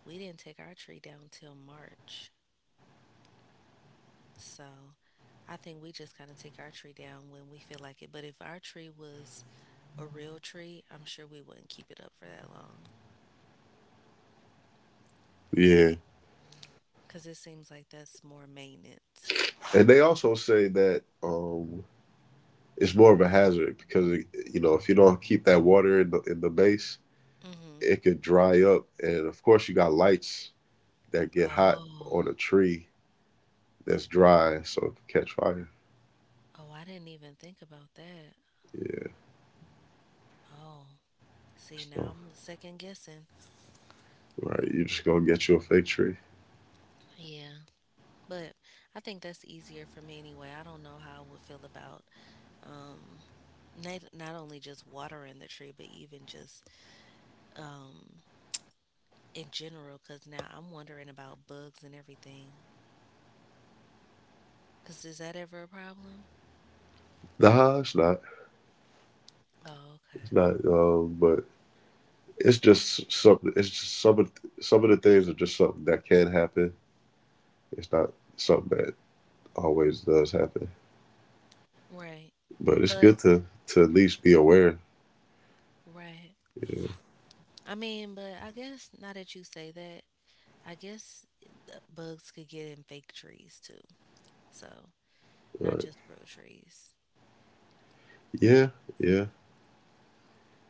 [SPEAKER 1] We didn't take our tree down till March. So I think we just kind of take our tree down when we feel like it. But if our tree was a real tree, I'm sure we wouldn't keep it up for that long
[SPEAKER 2] Yeah.
[SPEAKER 1] because it seems like that's more maintenance.
[SPEAKER 2] And they also say that it's more of a hazard because you know, if you don't keep that water in the base,
[SPEAKER 1] Mm-hmm.
[SPEAKER 2] it could dry up and of course you got lights that get hot on a
[SPEAKER 1] Oh,
[SPEAKER 2] tree that's dry so it could catch fire.
[SPEAKER 1] oh, I didn't even think about that.
[SPEAKER 2] Yeah.
[SPEAKER 1] Oh, see, now
[SPEAKER 2] So
[SPEAKER 1] I'm second guessing.
[SPEAKER 2] right, you just gonna get you a fake tree.
[SPEAKER 1] Yeah, but I think that's easier for me anyway. I don't know how I would feel about um, not only just watering the tree, but even just um, in general. Because now I'm wondering about bugs and everything. Because is that ever a problem?
[SPEAKER 2] Nah, it's not.
[SPEAKER 1] Oh,
[SPEAKER 2] It's
[SPEAKER 1] okay.
[SPEAKER 2] not but it's just some of the things are just something that can happen. It's not something that always does happen.
[SPEAKER 1] Right.
[SPEAKER 2] But it's
[SPEAKER 1] But,
[SPEAKER 2] good to at least be aware.
[SPEAKER 1] right.
[SPEAKER 2] Yeah.
[SPEAKER 1] I mean, but I guess now that you say that, I guess the bugs could get in fake trees too. So, not
[SPEAKER 2] Right.
[SPEAKER 1] just real trees.
[SPEAKER 2] Yeah. Yeah.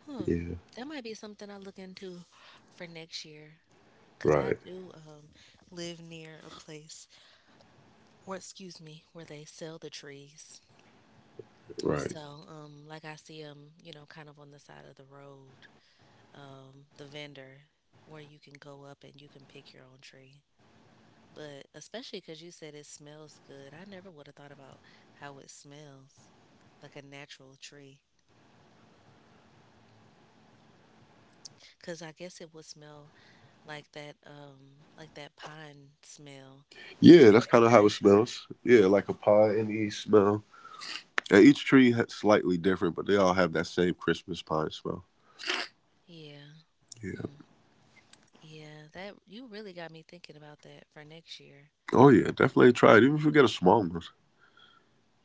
[SPEAKER 1] Hmm.
[SPEAKER 2] Yeah.
[SPEAKER 1] That might be something I look into for next year. Because I
[SPEAKER 2] Right.
[SPEAKER 1] do live near a place where, excuse me, where they sell the trees.
[SPEAKER 2] Right.
[SPEAKER 1] So, like I see them, kind of on the side of the road, the vendor where you can go up and you can pick your own tree. But especially because you said it smells good, I never would have thought about how it smells like a natural tree. Because I guess it would smell like that pine smell,
[SPEAKER 2] Yeah,
[SPEAKER 1] the
[SPEAKER 2] that's
[SPEAKER 1] air
[SPEAKER 2] kind of how it
[SPEAKER 1] freshener.
[SPEAKER 2] smells. Yeah, like a pie in the east smell. And each tree has slightly different, but they all have that same Christmas pine smell.
[SPEAKER 1] Yeah.
[SPEAKER 2] Yeah.
[SPEAKER 1] Hmm. Yeah, that you really got me thinking about that for next year.
[SPEAKER 2] Oh yeah, definitely try it. Even if you get a small one.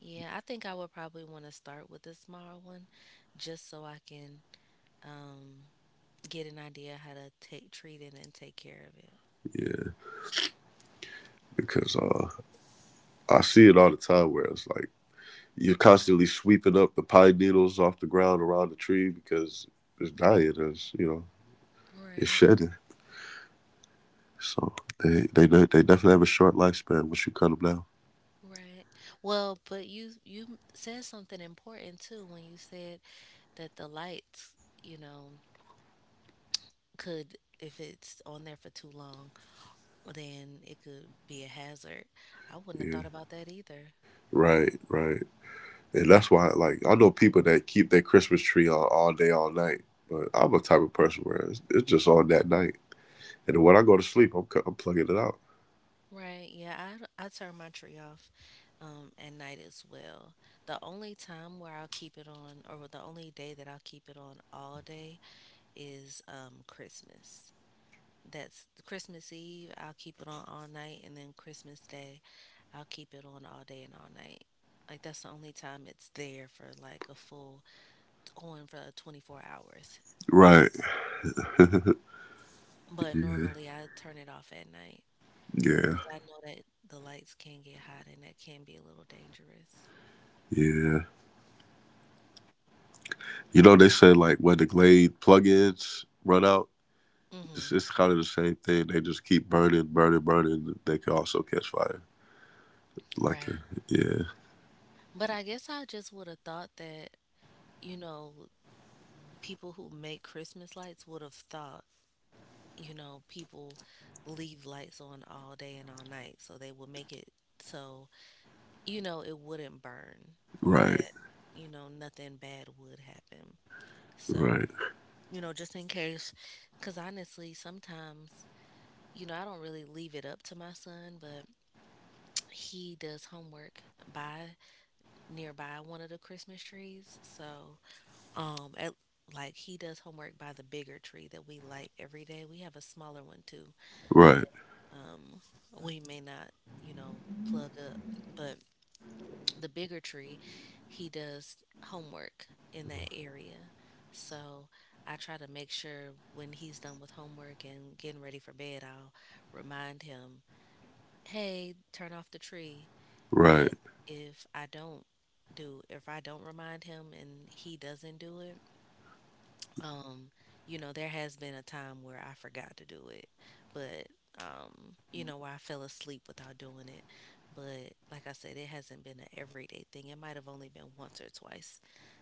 [SPEAKER 1] Yeah, I think I would probably want to start with a small one just so I can um, get an idea how to take treat it and take care of it.
[SPEAKER 2] Yeah. Because I see it all the time where it's like you're constantly sweeping up the pine needles off the ground around the tree because it's dying. It's you know it's
[SPEAKER 1] Right,
[SPEAKER 2] shedding. So they definitely have a short lifespan once you cut them down.
[SPEAKER 1] right. Well, but you said something important too when you said that the lights, you know, could if it's on there for too long, then it could be a hazard. I wouldn't have
[SPEAKER 2] Yeah,
[SPEAKER 1] thought about that either.
[SPEAKER 2] right, right. And that's why like I know people that keep their Christmas tree on all day, all night. But I'm a type of person where it's just on that night. And then when I go to sleep, I'm plugging it out.
[SPEAKER 1] Right, yeah, I turn my tree off at night as well. The only time where I'll keep it on, or the only day that I'll keep it on all day, is Christmas. That's Christmas Eve, I'll keep it on all night, and then Christmas Day, I'll keep it on all day and all night. Like, that's the only time it's there for like a full on for 24 hours.
[SPEAKER 2] Right.
[SPEAKER 1] But
[SPEAKER 2] Yeah.
[SPEAKER 1] normally I turn it off at night
[SPEAKER 2] Yeah.
[SPEAKER 1] because I know that the lights can get hot and that can be a little dangerous.
[SPEAKER 2] Yeah. You know, they said like when the Glade plugins run out,
[SPEAKER 1] Hmm.
[SPEAKER 2] It's kind of the same thing. They just keep burning, burning, burning. They can also catch fire. Like, a,
[SPEAKER 1] Right.
[SPEAKER 2] yeah,
[SPEAKER 1] But I guess I just would have thought that, you know, people who make Christmas lights would have thought, people leave lights on all day and all night. So they would make it so, it wouldn't burn or
[SPEAKER 2] right,
[SPEAKER 1] that, nothing bad would happen. So,
[SPEAKER 2] right,
[SPEAKER 1] just in case, because honestly, sometimes, I don't really leave it up to my son, but he does homework by nearby one of the Christmas trees. So, Um, at, like he does homework by the bigger tree that we light every day. We have a smaller one too.
[SPEAKER 2] right,
[SPEAKER 1] Um, we may not, you know, plug up, but the bigger tree, he does homework in that area. So I try to make sure when he's done with homework and getting ready for bed, I'll remind him, hey, turn off the tree. But
[SPEAKER 2] right.
[SPEAKER 1] if I don't if I don't remind him and he doesn't do it, um there has been a time where I forgot to do it, but where I fell asleep without doing it. But like I said, it hasn't been an everyday thing. It might have only been once or twice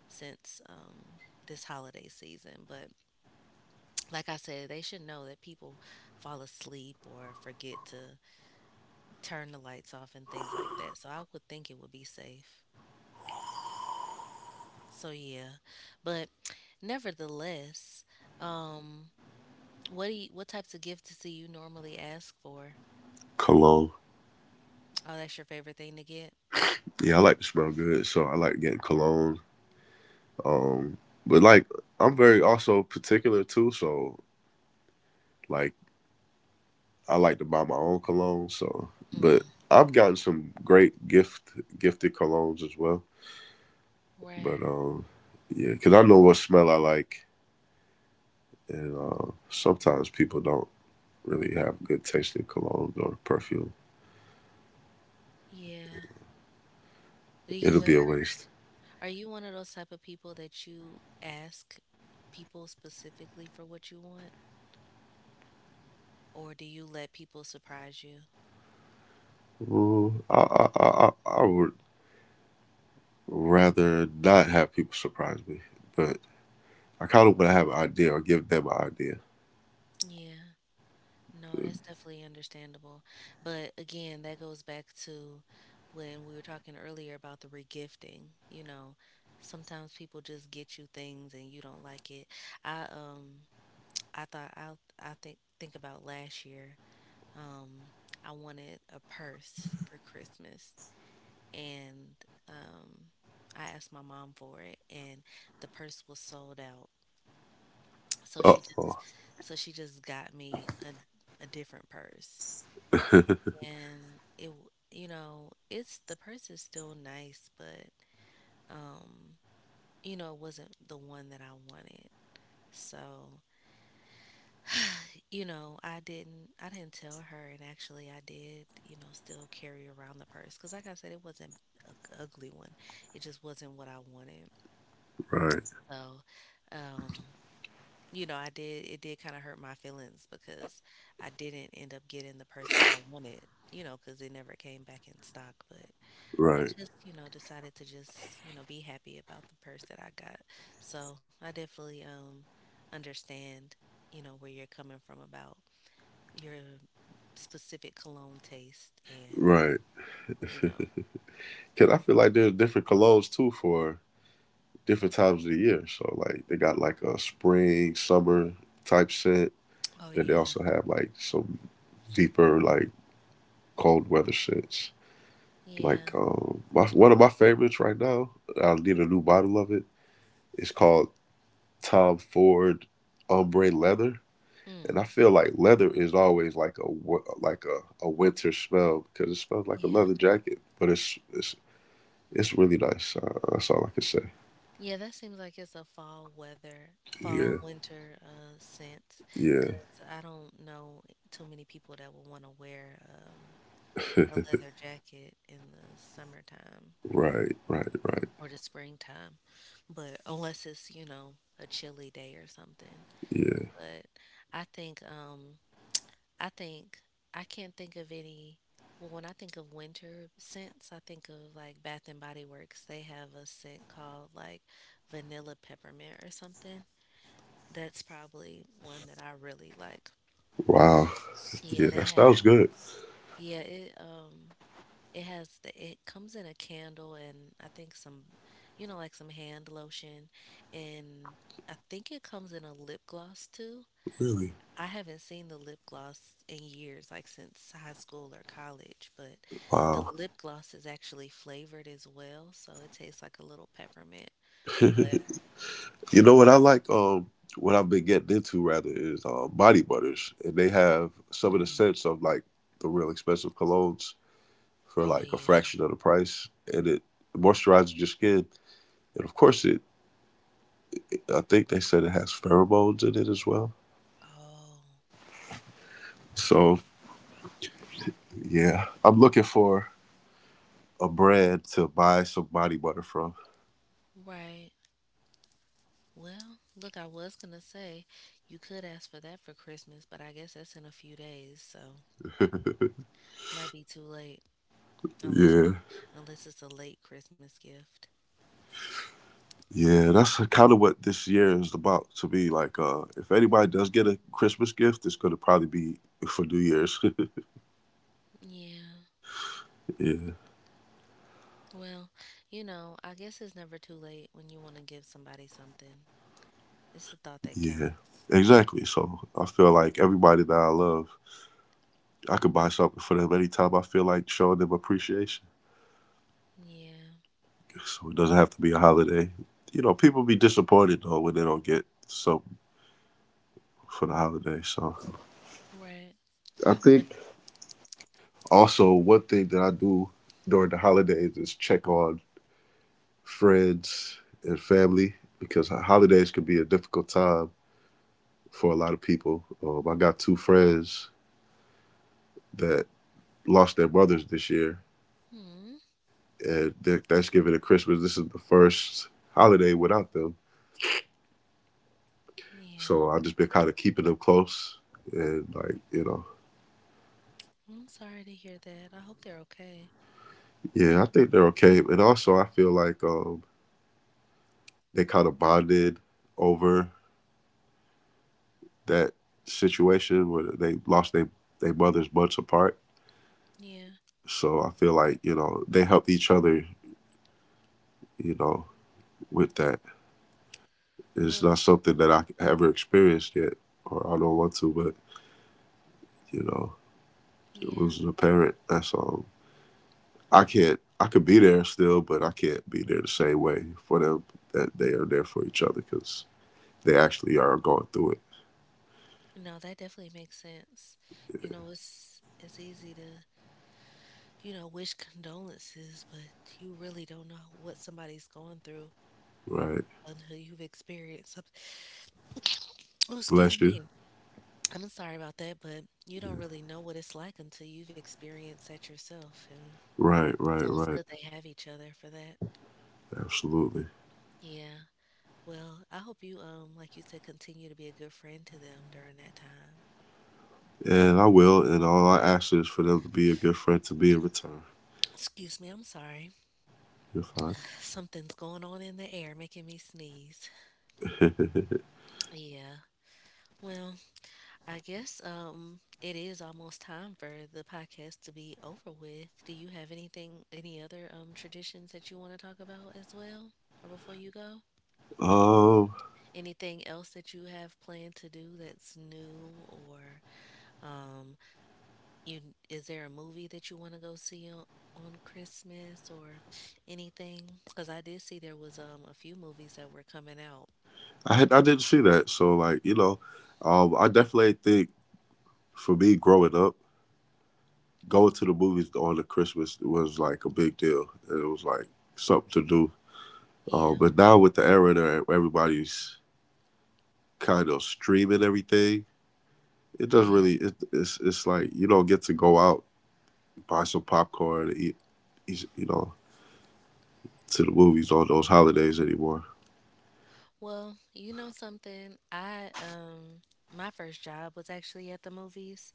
[SPEAKER 1] since this holiday season. But like I said, they should know that people fall asleep or forget to turn the lights off and things like that, so I would think it would be safe. So yeah, but nevertheless, um what types of gifts do you normally ask for?
[SPEAKER 2] Cologne.
[SPEAKER 1] Oh, that's your favorite thing to get?
[SPEAKER 2] Yeah, I like to smell good, so I like getting cologne. Um, but like, I'm very also particular too. Like, I like to buy my own cologne. So, but
[SPEAKER 1] Mm,
[SPEAKER 2] I've gotten some great gifted colognes as well.
[SPEAKER 1] right.
[SPEAKER 2] But yeah, because I know what smell I like, and sometimes people don't really have good tasting cologne or perfume.
[SPEAKER 1] Yeah. Do you
[SPEAKER 2] It'll be a
[SPEAKER 1] ever
[SPEAKER 2] waste.
[SPEAKER 1] are you one of those type of people that you ask people specifically for what you want? Or do you let people surprise you?
[SPEAKER 2] Ooh, I would rather not have people surprise me, but I kind of want to have an idea or give them an idea.
[SPEAKER 1] Yeah. No, that's definitely understandable. But again, that goes back to when we were talking earlier about the regifting. Sometimes people just get you things and you don't like it. I um I thought I think about last year. Um, I wanted a purse for Christmas, and um, I asked my mom for it, and the purse was sold out. So
[SPEAKER 2] Uh
[SPEAKER 1] she
[SPEAKER 2] oh,
[SPEAKER 1] just so she just got me a different purse, and it w- you know it's the purse is still nice, but um, it wasn't the one that I wanted. So, I didn't tell her, and actually I did, still carry around the purse cuz like I said it wasn't a ugly one. It just wasn't what I wanted.
[SPEAKER 2] right,
[SPEAKER 1] So, um, I did it did kind of hurt my feelings because I didn't end up getting the purse that I wanted, cuz it never came back in stock, but I
[SPEAKER 2] right,
[SPEAKER 1] just, decided to just, be happy about the purse that I got. So, I definitely understand, where you're coming from about your specific cologne taste, and
[SPEAKER 2] right.
[SPEAKER 1] you know
[SPEAKER 2] Because I feel like there's different colognes too for different times of the year. So like they got like a spring, summer type scent.
[SPEAKER 1] oh
[SPEAKER 2] Then they
[SPEAKER 1] yeah.
[SPEAKER 2] also have like some deeper like cold weather scents. Like
[SPEAKER 1] Yeah.
[SPEAKER 2] my, one of my favorites right now. I need a new bottle of it. It's called Tom Ford Ombre Leather, and
[SPEAKER 1] Mm,
[SPEAKER 2] I feel like leather is always like a a winter smell because it smells like a
[SPEAKER 1] yeah.
[SPEAKER 2] leather jacket. But it's really nice. That's all I can say.
[SPEAKER 1] Yeah, that seems like it's a
[SPEAKER 2] Yeah,
[SPEAKER 1] fall winter scent
[SPEAKER 2] yeah,
[SPEAKER 1] because I don't know too many people that would want to wear a leather jacket in the summertime
[SPEAKER 2] right, right, right.
[SPEAKER 1] or the springtime, but unless it's a chilly day or something.
[SPEAKER 2] Yeah.
[SPEAKER 1] But i think um I think I can't think of any. Well, when I think of winter scents, I think of like Bath and Body Works. They have a scent called like vanilla peppermint or something. That's probably one that I really like.
[SPEAKER 2] Wow.
[SPEAKER 1] Yeah,
[SPEAKER 2] Yeah,
[SPEAKER 1] they
[SPEAKER 2] that
[SPEAKER 1] have.
[SPEAKER 2] sounds good.
[SPEAKER 1] Yeah, it it has the it comes in a candle, and I think some, like some hand lotion, and I think it comes in a lip gloss too.
[SPEAKER 2] Really.
[SPEAKER 1] I haven't seen the lip gloss in years, like since high school or college, but the
[SPEAKER 2] Wow.
[SPEAKER 1] lip gloss is actually flavored as well, so it tastes like a little peppermint. But.
[SPEAKER 2] You know what I like? What I've been getting into rather is body butters, and they have some of the
[SPEAKER 1] Mm.
[SPEAKER 2] scents of like the real expensive colognes for
[SPEAKER 1] Oh
[SPEAKER 2] like a
[SPEAKER 1] yeah.
[SPEAKER 2] fraction of the price, and it moisturizes your skin. And of course, it. I think they said it has pheromones in it as well.
[SPEAKER 1] Oh,
[SPEAKER 2] So yeah, I'm looking for a brand to buy some body butter from.
[SPEAKER 1] right. Well, look, I was gonna say you could ask for that for Christmas, but I guess that's in a few days, so might be too late unless
[SPEAKER 2] Yeah.
[SPEAKER 1] unless it's a late Christmas gift.
[SPEAKER 2] Yeah, that's kind of what this year is about to be like. If anybody does get a Christmas gift, it's going to probably be for New Year's.
[SPEAKER 1] Yeah.
[SPEAKER 2] yeah.
[SPEAKER 1] Well, I guess it's never too late when you want to give somebody something. It's the thought that
[SPEAKER 2] Yeah,
[SPEAKER 1] counts.
[SPEAKER 2] exactly. So I feel like everybody that I love, I could buy something for them anytime I feel like showing them appreciation.
[SPEAKER 1] Yeah.
[SPEAKER 2] So it doesn't have to be a holiday. You know, people be disappointed though when they don't get something for the holiday. So
[SPEAKER 1] Right.
[SPEAKER 2] I
[SPEAKER 1] Would.
[SPEAKER 2] think also one thing that I do during the holidays is check on friends and family because holidays can be a difficult time for a lot of people. I got two friends that lost their mothers this year
[SPEAKER 1] Hmm.
[SPEAKER 2] and Thanksgiving and Christmas. This is the first holiday without them, so
[SPEAKER 1] Yeah.
[SPEAKER 2] I've just been kind of keeping them close. And like you know,
[SPEAKER 1] Well, I'm sorry to hear that. I hope they're okay.
[SPEAKER 2] yeah, I think they're okay. And also, I feel like they kind of bonded over that situation where they lost their mothers months apart.
[SPEAKER 1] Yeah.
[SPEAKER 2] So I feel like you know they helped each other. You know, with that, it's
[SPEAKER 1] Well,
[SPEAKER 2] not something that I ever experienced yet, or I don't want to. But you know,
[SPEAKER 1] yeah.
[SPEAKER 2] losing a parent, that's all. I can't. I could be there still, but I can't be there the same way for them that they are there for each other because they actually are going through it.
[SPEAKER 1] No, that definitely makes sense. You know, it's easy to, wish condolences, but you really don't know what somebody's going through
[SPEAKER 2] Right.
[SPEAKER 1] until you've experienced something. Oh,
[SPEAKER 2] Bless
[SPEAKER 1] excuse
[SPEAKER 2] you.
[SPEAKER 1] me. I'm sorry about that, but you don't
[SPEAKER 2] Yeah.
[SPEAKER 1] really know what it's like until you've experienced that yourself. And
[SPEAKER 2] Right. Right.
[SPEAKER 1] so it's
[SPEAKER 2] Right.
[SPEAKER 1] good they have each other for that.
[SPEAKER 2] Absolutely.
[SPEAKER 1] Yeah. Well, I hope you, like you said, continue to be a good friend to them during that time.
[SPEAKER 2] And I will. And all I ask is for them to be a good friend to me in return.
[SPEAKER 1] Excuse me, I'm sorry.
[SPEAKER 2] You're fine.
[SPEAKER 1] Something's going on in the air making me sneeze. Yeah. Well, I guess it is almost time for the podcast to be over with. Do you have any other traditions that you want to talk about as well? Or before you go?
[SPEAKER 2] Um,
[SPEAKER 1] Anything else that you have planned to do that's new or um You is there a movie that you want to go see on Christmas or anything? Because I did see there was a few movies that were coming out.
[SPEAKER 2] I had I didn't see that, so like you know, I definitely think for me growing up, going to the movies on the Christmas was like a big deal, and it was like something to do.
[SPEAKER 1] Yeah,
[SPEAKER 2] But now with the era that everybody's kind of streaming everything, it doesn't really.
[SPEAKER 1] yeah.
[SPEAKER 2] It's it's like you don't get to go out buy some popcorn and eat you know to the movies on those holidays anymore.
[SPEAKER 1] Well, you know something? I My first job was actually at the movies,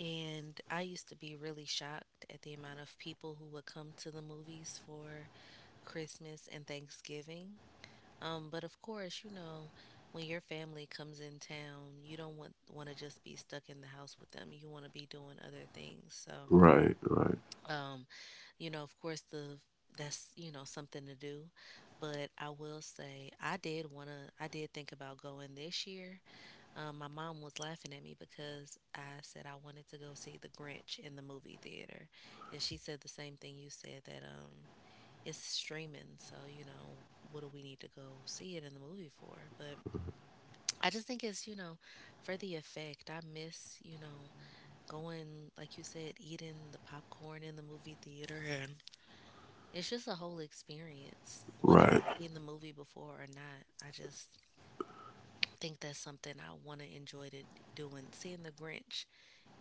[SPEAKER 1] and I used to be really shocked at the amount of people who would come to the movies for Christmas and Thanksgiving. But of course, you know, when your family comes in town, you don't want to just be stuck in the house with them. You want to be doing other things. So,
[SPEAKER 2] Right, right,
[SPEAKER 1] um, you know, of course, the that's something to do. But I will say, I did think about going this year. My mom was laughing at me because I said I wanted to go see The Grinch in the movie theater, and she said the same thing you said, that it's streaming. So you know, what do we need to go see it in the movie for? But I just think it's, you know, for the effect. I miss, you know, going, like you said, eating the popcorn in the movie theater. And it's just a whole experience, whether I've
[SPEAKER 2] right.
[SPEAKER 1] seen the movie before or not. I just think that's something I want to enjoy to doing, seeing the Grinch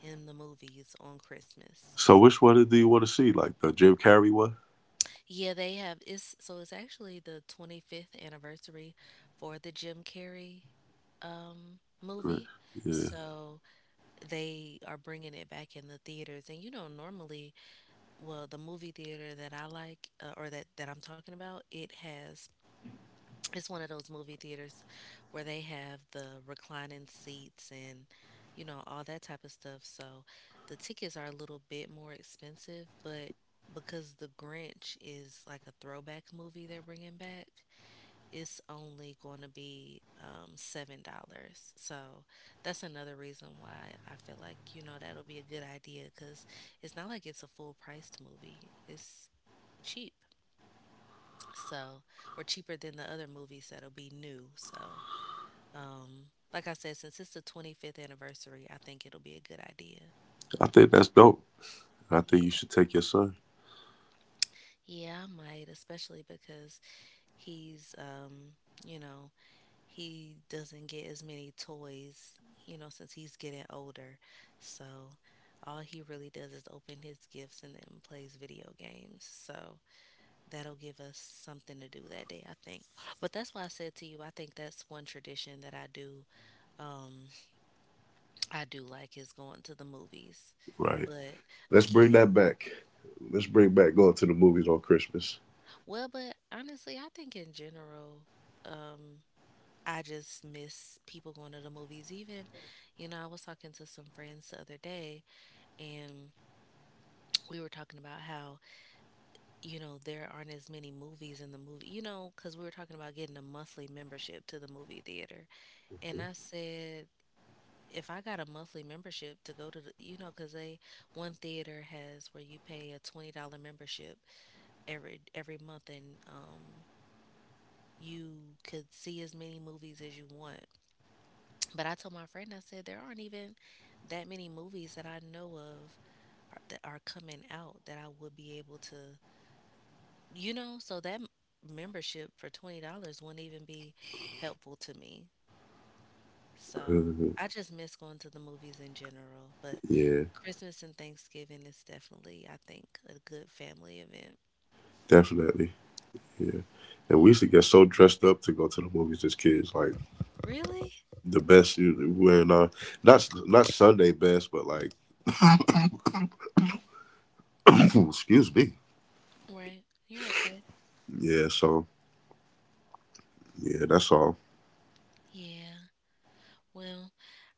[SPEAKER 1] in the movies on Christmas.
[SPEAKER 2] So
[SPEAKER 1] So,
[SPEAKER 2] which one do you want to see? Like the Jim Carrey one?
[SPEAKER 1] yeah, so it's actually the 25th anniversary for the Jim Carrey
[SPEAKER 2] Great.
[SPEAKER 1] movie.
[SPEAKER 2] Yeah,
[SPEAKER 1] So they are bringing it back in the theaters. And you know, normally, well, the movie theater that I like or that I'm talking about, it has it's one of those movie theaters where they have the reclining seats and you know all that type of stuff. So the tickets are a little bit more expensive, but because The Grinch is like a throwback movie they're bringing back, it's only going to be $7. So that's another reason why I feel like you know that'll be a good idea because it's not like it's a full priced movie. It's cheap, so or cheaper than the other movies that'll be new. So like I said, since it's the 25th anniversary, I think it'll be a good idea.
[SPEAKER 2] I think that's dope. I think you
[SPEAKER 1] Yeah.
[SPEAKER 2] should take your son.
[SPEAKER 1] Yeah, I might, especially because he's you know, he doesn't get as many toys, you know, since he's getting older. So all he really does is open his gifts and then plays video games. So that'll give us something to do that day, I think. But that's why I said to you, I think that's one tradition that um I do like is going to the movies.
[SPEAKER 2] Right.
[SPEAKER 1] But
[SPEAKER 2] Let's
[SPEAKER 1] again,
[SPEAKER 2] bring that back. Let's bring back going to the movies on Christmas.
[SPEAKER 1] well, but honestly, I think in general, um I just miss people going to the movies. Even, you know, I was talking to some friends the other day, and we were talking about how, you know, there aren't as many movies in the movie, you know, because we were talking about getting a monthly membership to the movie theater. And I said, if I got a monthly membership to go to the, you know, because they, one theater has where you pay a $20 membership every month, and you could see as many movies as you want. But I told my friend, I said, there aren't even that many movies that I know of that are coming out that I would be able to, you know, so that membership for $20 wouldn't even be helpful to me. So I just miss going to the movies in general. But
[SPEAKER 2] yeah,
[SPEAKER 1] Christmas and Thanksgiving is definitely, I think, a good family event.
[SPEAKER 2] definitely. Yeah. And we
[SPEAKER 1] Yeah.
[SPEAKER 2] used to get so dressed up to go to the movies as kids, like
[SPEAKER 1] Really?
[SPEAKER 2] the wearing our not Sunday best, but like excuse me.
[SPEAKER 1] Right. You're okay.
[SPEAKER 2] Yeah, so yeah, that's all.
[SPEAKER 1] Yeah. Well,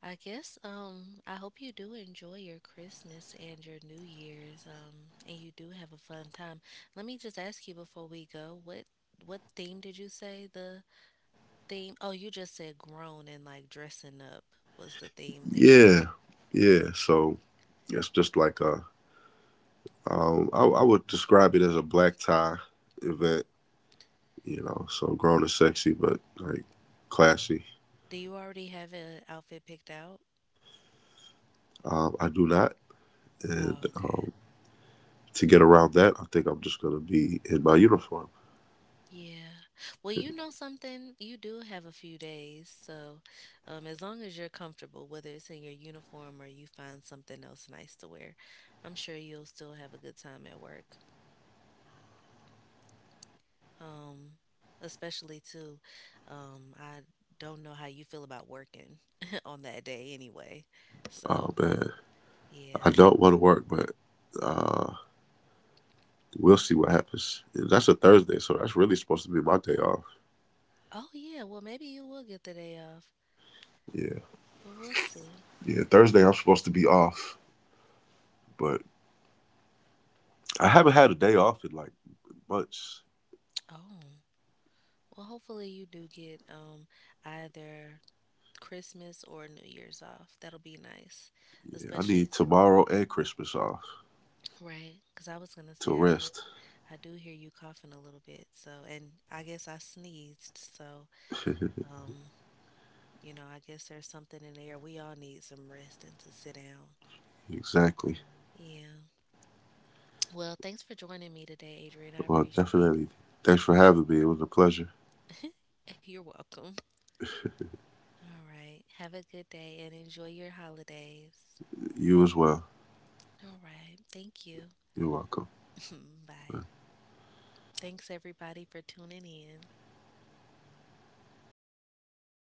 [SPEAKER 1] I guess I hope you do enjoy your Christmas and your New Year's and you do have a fun time. Let me just ask you before we go, what theme did you say the theme? Oh, you just said grown and like dressing up was the theme this year.
[SPEAKER 2] Yeah, yeah. So it's just like a I would describe it as a black tie event, you know. So grown and sexy, but like classy.
[SPEAKER 1] Do you already have an outfit picked out?
[SPEAKER 2] I do not, and
[SPEAKER 1] Oh, okay.
[SPEAKER 2] to get around that, I think I'm just gonna be in my uniform.
[SPEAKER 1] Yeah. Well, you know something? You do have a few days. So, as long as you're comfortable, whether it's in your uniform or you find something else nice to wear, I'm sure you'll still have a good time at work. Um, Especially too, I don't know how you feel about working on that day anyway. So,
[SPEAKER 2] And I
[SPEAKER 1] yeah.
[SPEAKER 2] don't want to work, but uh, we'll see what happens. That's a Thursday, so that's really supposed to be my day off.
[SPEAKER 1] Oh, yeah. Well, maybe you will get the day off,
[SPEAKER 2] Yeah,
[SPEAKER 1] but we'll see.
[SPEAKER 2] yeah. Thursday I'm supposed to be off, but I haven't had a day off in like months.
[SPEAKER 1] Oh. Well, hopefully you do get either Christmas or New Year's off. That'll be nice,
[SPEAKER 2] Yeah, I
[SPEAKER 1] especially
[SPEAKER 2] need
[SPEAKER 1] to
[SPEAKER 2] tomorrow and Christmas off
[SPEAKER 1] right, because I was gonna say
[SPEAKER 2] to rest.
[SPEAKER 1] I do hear you coughing a little bit. So, and I guess I sneezed. So, um, you know, I guess there's something in there. We all need some rest and to sit down.
[SPEAKER 2] Exactly.
[SPEAKER 1] Yeah. Well, thanks for joining me today, Adrian. I
[SPEAKER 2] Well,
[SPEAKER 1] appreciate
[SPEAKER 2] definitely.
[SPEAKER 1] it.
[SPEAKER 2] Thanks for having me. It was a pleasure.
[SPEAKER 1] You're welcome. All right. Have a good day and enjoy your holidays.
[SPEAKER 2] You as well.
[SPEAKER 1] All right. Thank you.
[SPEAKER 2] You're welcome.
[SPEAKER 1] Bye. Thanks, everybody, for tuning in.